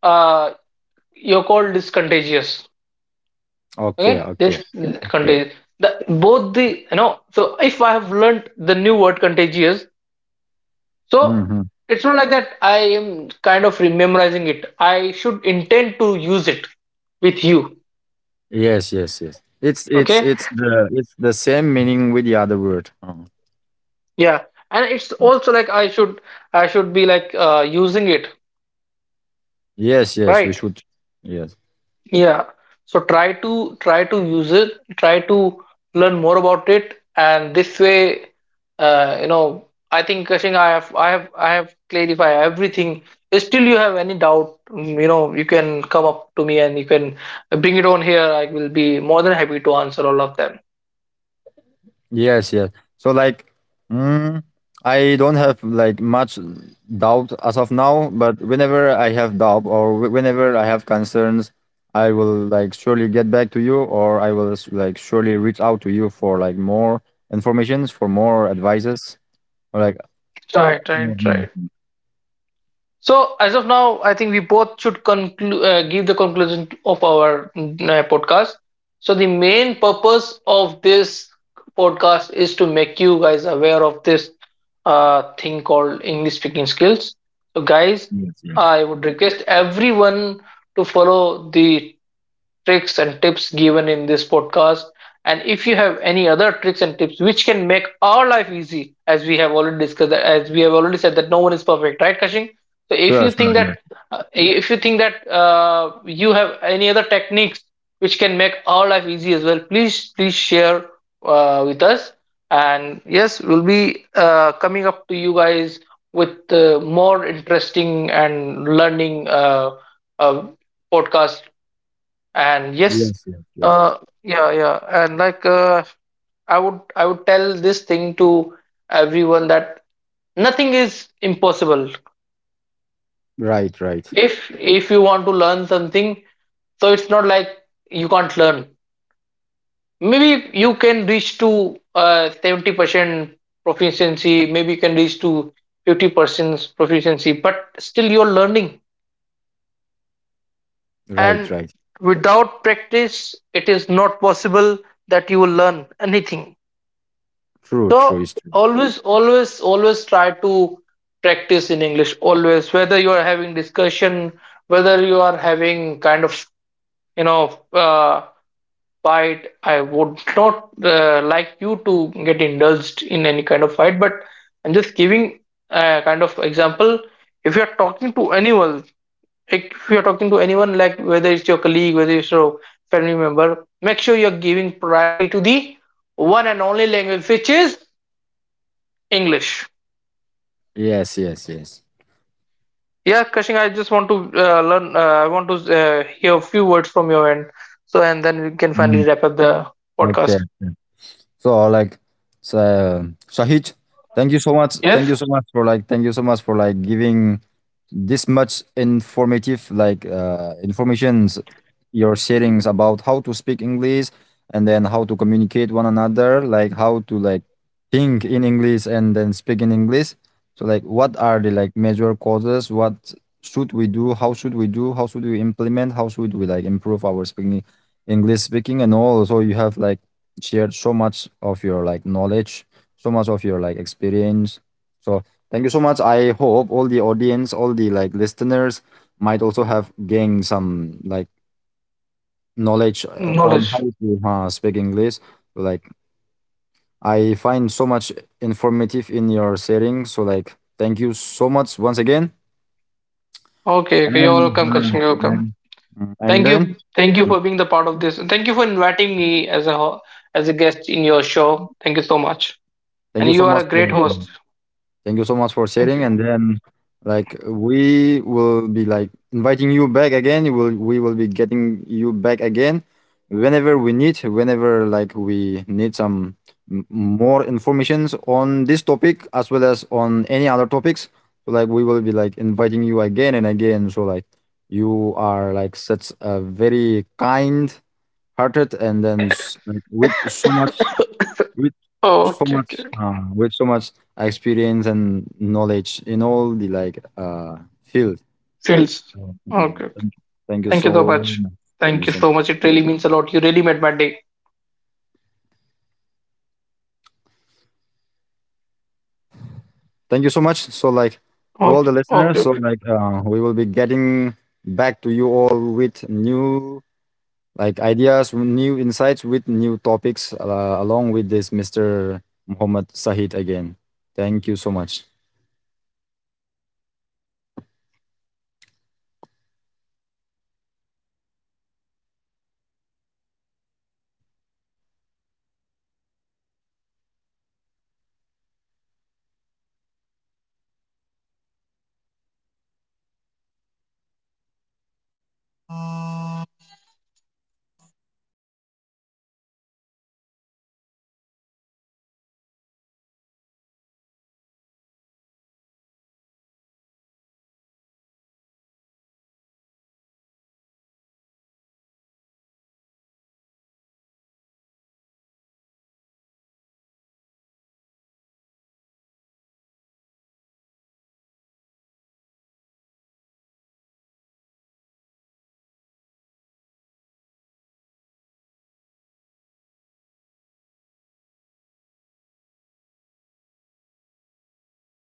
[SPEAKER 2] uh, your cold is contagious.
[SPEAKER 1] Okay,
[SPEAKER 2] Okay,
[SPEAKER 1] okay,
[SPEAKER 2] this
[SPEAKER 1] okay.
[SPEAKER 2] contagious. The, both the, you know. So if I have learnt the new word contagious, so
[SPEAKER 1] Mm-hmm.
[SPEAKER 2] it's not like that. I am kind of memorizing it. I should intend to use it with you.
[SPEAKER 1] Yes, yes, yes. It's it's
[SPEAKER 2] Okay,
[SPEAKER 1] it's the it's the same meaning with the other word. Oh.
[SPEAKER 2] yeah, and it's also like I should I should be like uh, using it,
[SPEAKER 1] Yes, yes, we
[SPEAKER 2] right.
[SPEAKER 1] should. Yes,
[SPEAKER 2] Yeah. So try to try to use it, try to learn more about it, and this way, uh, you know, I think Kashing, I have I have I have clarified everything. If still you have any doubt, mm, you know, you can come up to me and you can bring it on here. I will be more than happy to answer all of them.
[SPEAKER 1] yes, yes. So like, mm, I don't have like much doubt as of now, but whenever I have doubt or whe- whenever I have concerns, I will like surely get back to you, or I will s- like surely reach out to you for like more informations, for more advices, or like.
[SPEAKER 2] So right, right,
[SPEAKER 1] Mhm.
[SPEAKER 2] right. So as of now, I think we both should conclude, uh, give the conclusion of our uh, podcast. So the main purpose of this podcast is to make you guys aware of this uh, thing called English speaking skills. So guys,
[SPEAKER 1] Yes, yes.
[SPEAKER 2] I would request everyone to follow the tricks and tips given in this podcast. And if you have any other tricks and tips which can make our life easy, as we have already discussed, as we have already said that no one is perfect, right, Kashing? So if
[SPEAKER 1] Sure,
[SPEAKER 2] you
[SPEAKER 1] sure,
[SPEAKER 2] think that
[SPEAKER 1] yes,
[SPEAKER 2] uh, if you think that uh, you have any other techniques which can make our life easy as well, please please share uh, with us. And yes, we'll be uh, coming up to you guys with uh, more interesting and learning uh, uh, podcast. And
[SPEAKER 1] yes,
[SPEAKER 2] yes,
[SPEAKER 1] yes, yes.
[SPEAKER 2] uh, yeah, yeah, and like uh, I would I would tell this thing to everyone that nothing is impossible.
[SPEAKER 1] Right, right,
[SPEAKER 2] If if you want to learn something, so it's not like you can't learn. Maybe you can reach to uh, seventy percent proficiency, maybe you can reach to fifty percent proficiency, but still you're learning.
[SPEAKER 1] right,
[SPEAKER 2] And
[SPEAKER 1] right.
[SPEAKER 2] without practice, it is not possible that you will learn anything.
[SPEAKER 1] True, true
[SPEAKER 2] So
[SPEAKER 1] is true.
[SPEAKER 2] always, always, always try to practice in English. Always, whether you are having discussion, whether you are having kind of, you know, uh, fight. I would not uh, like you to get indulged in any kind of fight, but I'm just giving a kind of example. If you are talking to anyone, like if you are talking to anyone, like whether it's your colleague, whether it's your family member, make sure you are giving priority to the one and only language, which is English.
[SPEAKER 1] Yes, yes, yes.
[SPEAKER 2] Yeah, Kashing, I just want to uh, learn. Uh, I want to uh, hear a few words from your end, so and then we can
[SPEAKER 1] Mm.
[SPEAKER 2] finally wrap up the
[SPEAKER 1] Okay.
[SPEAKER 2] podcast.
[SPEAKER 1] So like, so, Shahid, thank you so much. Thank
[SPEAKER 2] Yes.
[SPEAKER 1] you so much for like, thank you so much for like giving this much informative like uh, informations, your settings about how to speak English and then how to communicate one another, like how to like think in English and then speak in English. So like what are the like major causes? What should we do? How should we do? How should we implement? How should we like improve our speaking English speaking, and also you have like shared so much of your like knowledge, so much of your like experience. So thank you so much. I hope all the audience, all the like listeners might also have gained some like knowledge uh, on how
[SPEAKER 2] Knowledge.
[SPEAKER 1] to uh, speak English. Like I find so much informative in your sharing. So like thank you so much once again.
[SPEAKER 2] Okay,
[SPEAKER 1] And
[SPEAKER 2] okay. You're welcome, Kashing. You're
[SPEAKER 1] uh,
[SPEAKER 2] welcome.
[SPEAKER 1] and, uh, and
[SPEAKER 2] Thank
[SPEAKER 1] then
[SPEAKER 2] you, thank you
[SPEAKER 1] uh,
[SPEAKER 2] for being the part of this. And thank you for inviting me as a ho- as a guest in your show. Thank you so much.
[SPEAKER 1] thank
[SPEAKER 2] And
[SPEAKER 1] you
[SPEAKER 2] you
[SPEAKER 1] so
[SPEAKER 2] are
[SPEAKER 1] much
[SPEAKER 2] a great
[SPEAKER 1] for. uh,
[SPEAKER 2] host.
[SPEAKER 1] Thank you so much for
[SPEAKER 2] Thank
[SPEAKER 1] sharing.
[SPEAKER 2] you.
[SPEAKER 1] And then, like, we will be like inviting you back again. You will, we will be getting you back again whenever we need, whenever like we need some m- more informations on this topic as well as on any other topics. So, like, we will be like inviting you again and again. So, like, you are like such a very kind hearted, and then s- like, with so much, with
[SPEAKER 2] Oh,
[SPEAKER 1] so
[SPEAKER 2] okay,
[SPEAKER 1] much
[SPEAKER 2] okay.
[SPEAKER 1] uh, with so much experience and knowledge in all the like uh field.
[SPEAKER 2] Feels.
[SPEAKER 1] Uh,
[SPEAKER 2] Okay,
[SPEAKER 1] mm,
[SPEAKER 2] okay.
[SPEAKER 1] thank you. Thank you
[SPEAKER 2] Thank
[SPEAKER 1] so
[SPEAKER 2] you so much.
[SPEAKER 1] much, thank
[SPEAKER 2] Thank
[SPEAKER 1] you
[SPEAKER 2] you
[SPEAKER 1] so
[SPEAKER 2] so
[SPEAKER 1] much.
[SPEAKER 2] much. It really means a lot. You really made my day.
[SPEAKER 1] Thank you so much. So like to all the
[SPEAKER 2] Okay,
[SPEAKER 1] listeners,
[SPEAKER 2] okay.
[SPEAKER 1] so like uh, we will be getting back to you all with new like ideas, new insights, with new topics uh, along with this Mr Muhammad Sahid again. Thank you so much.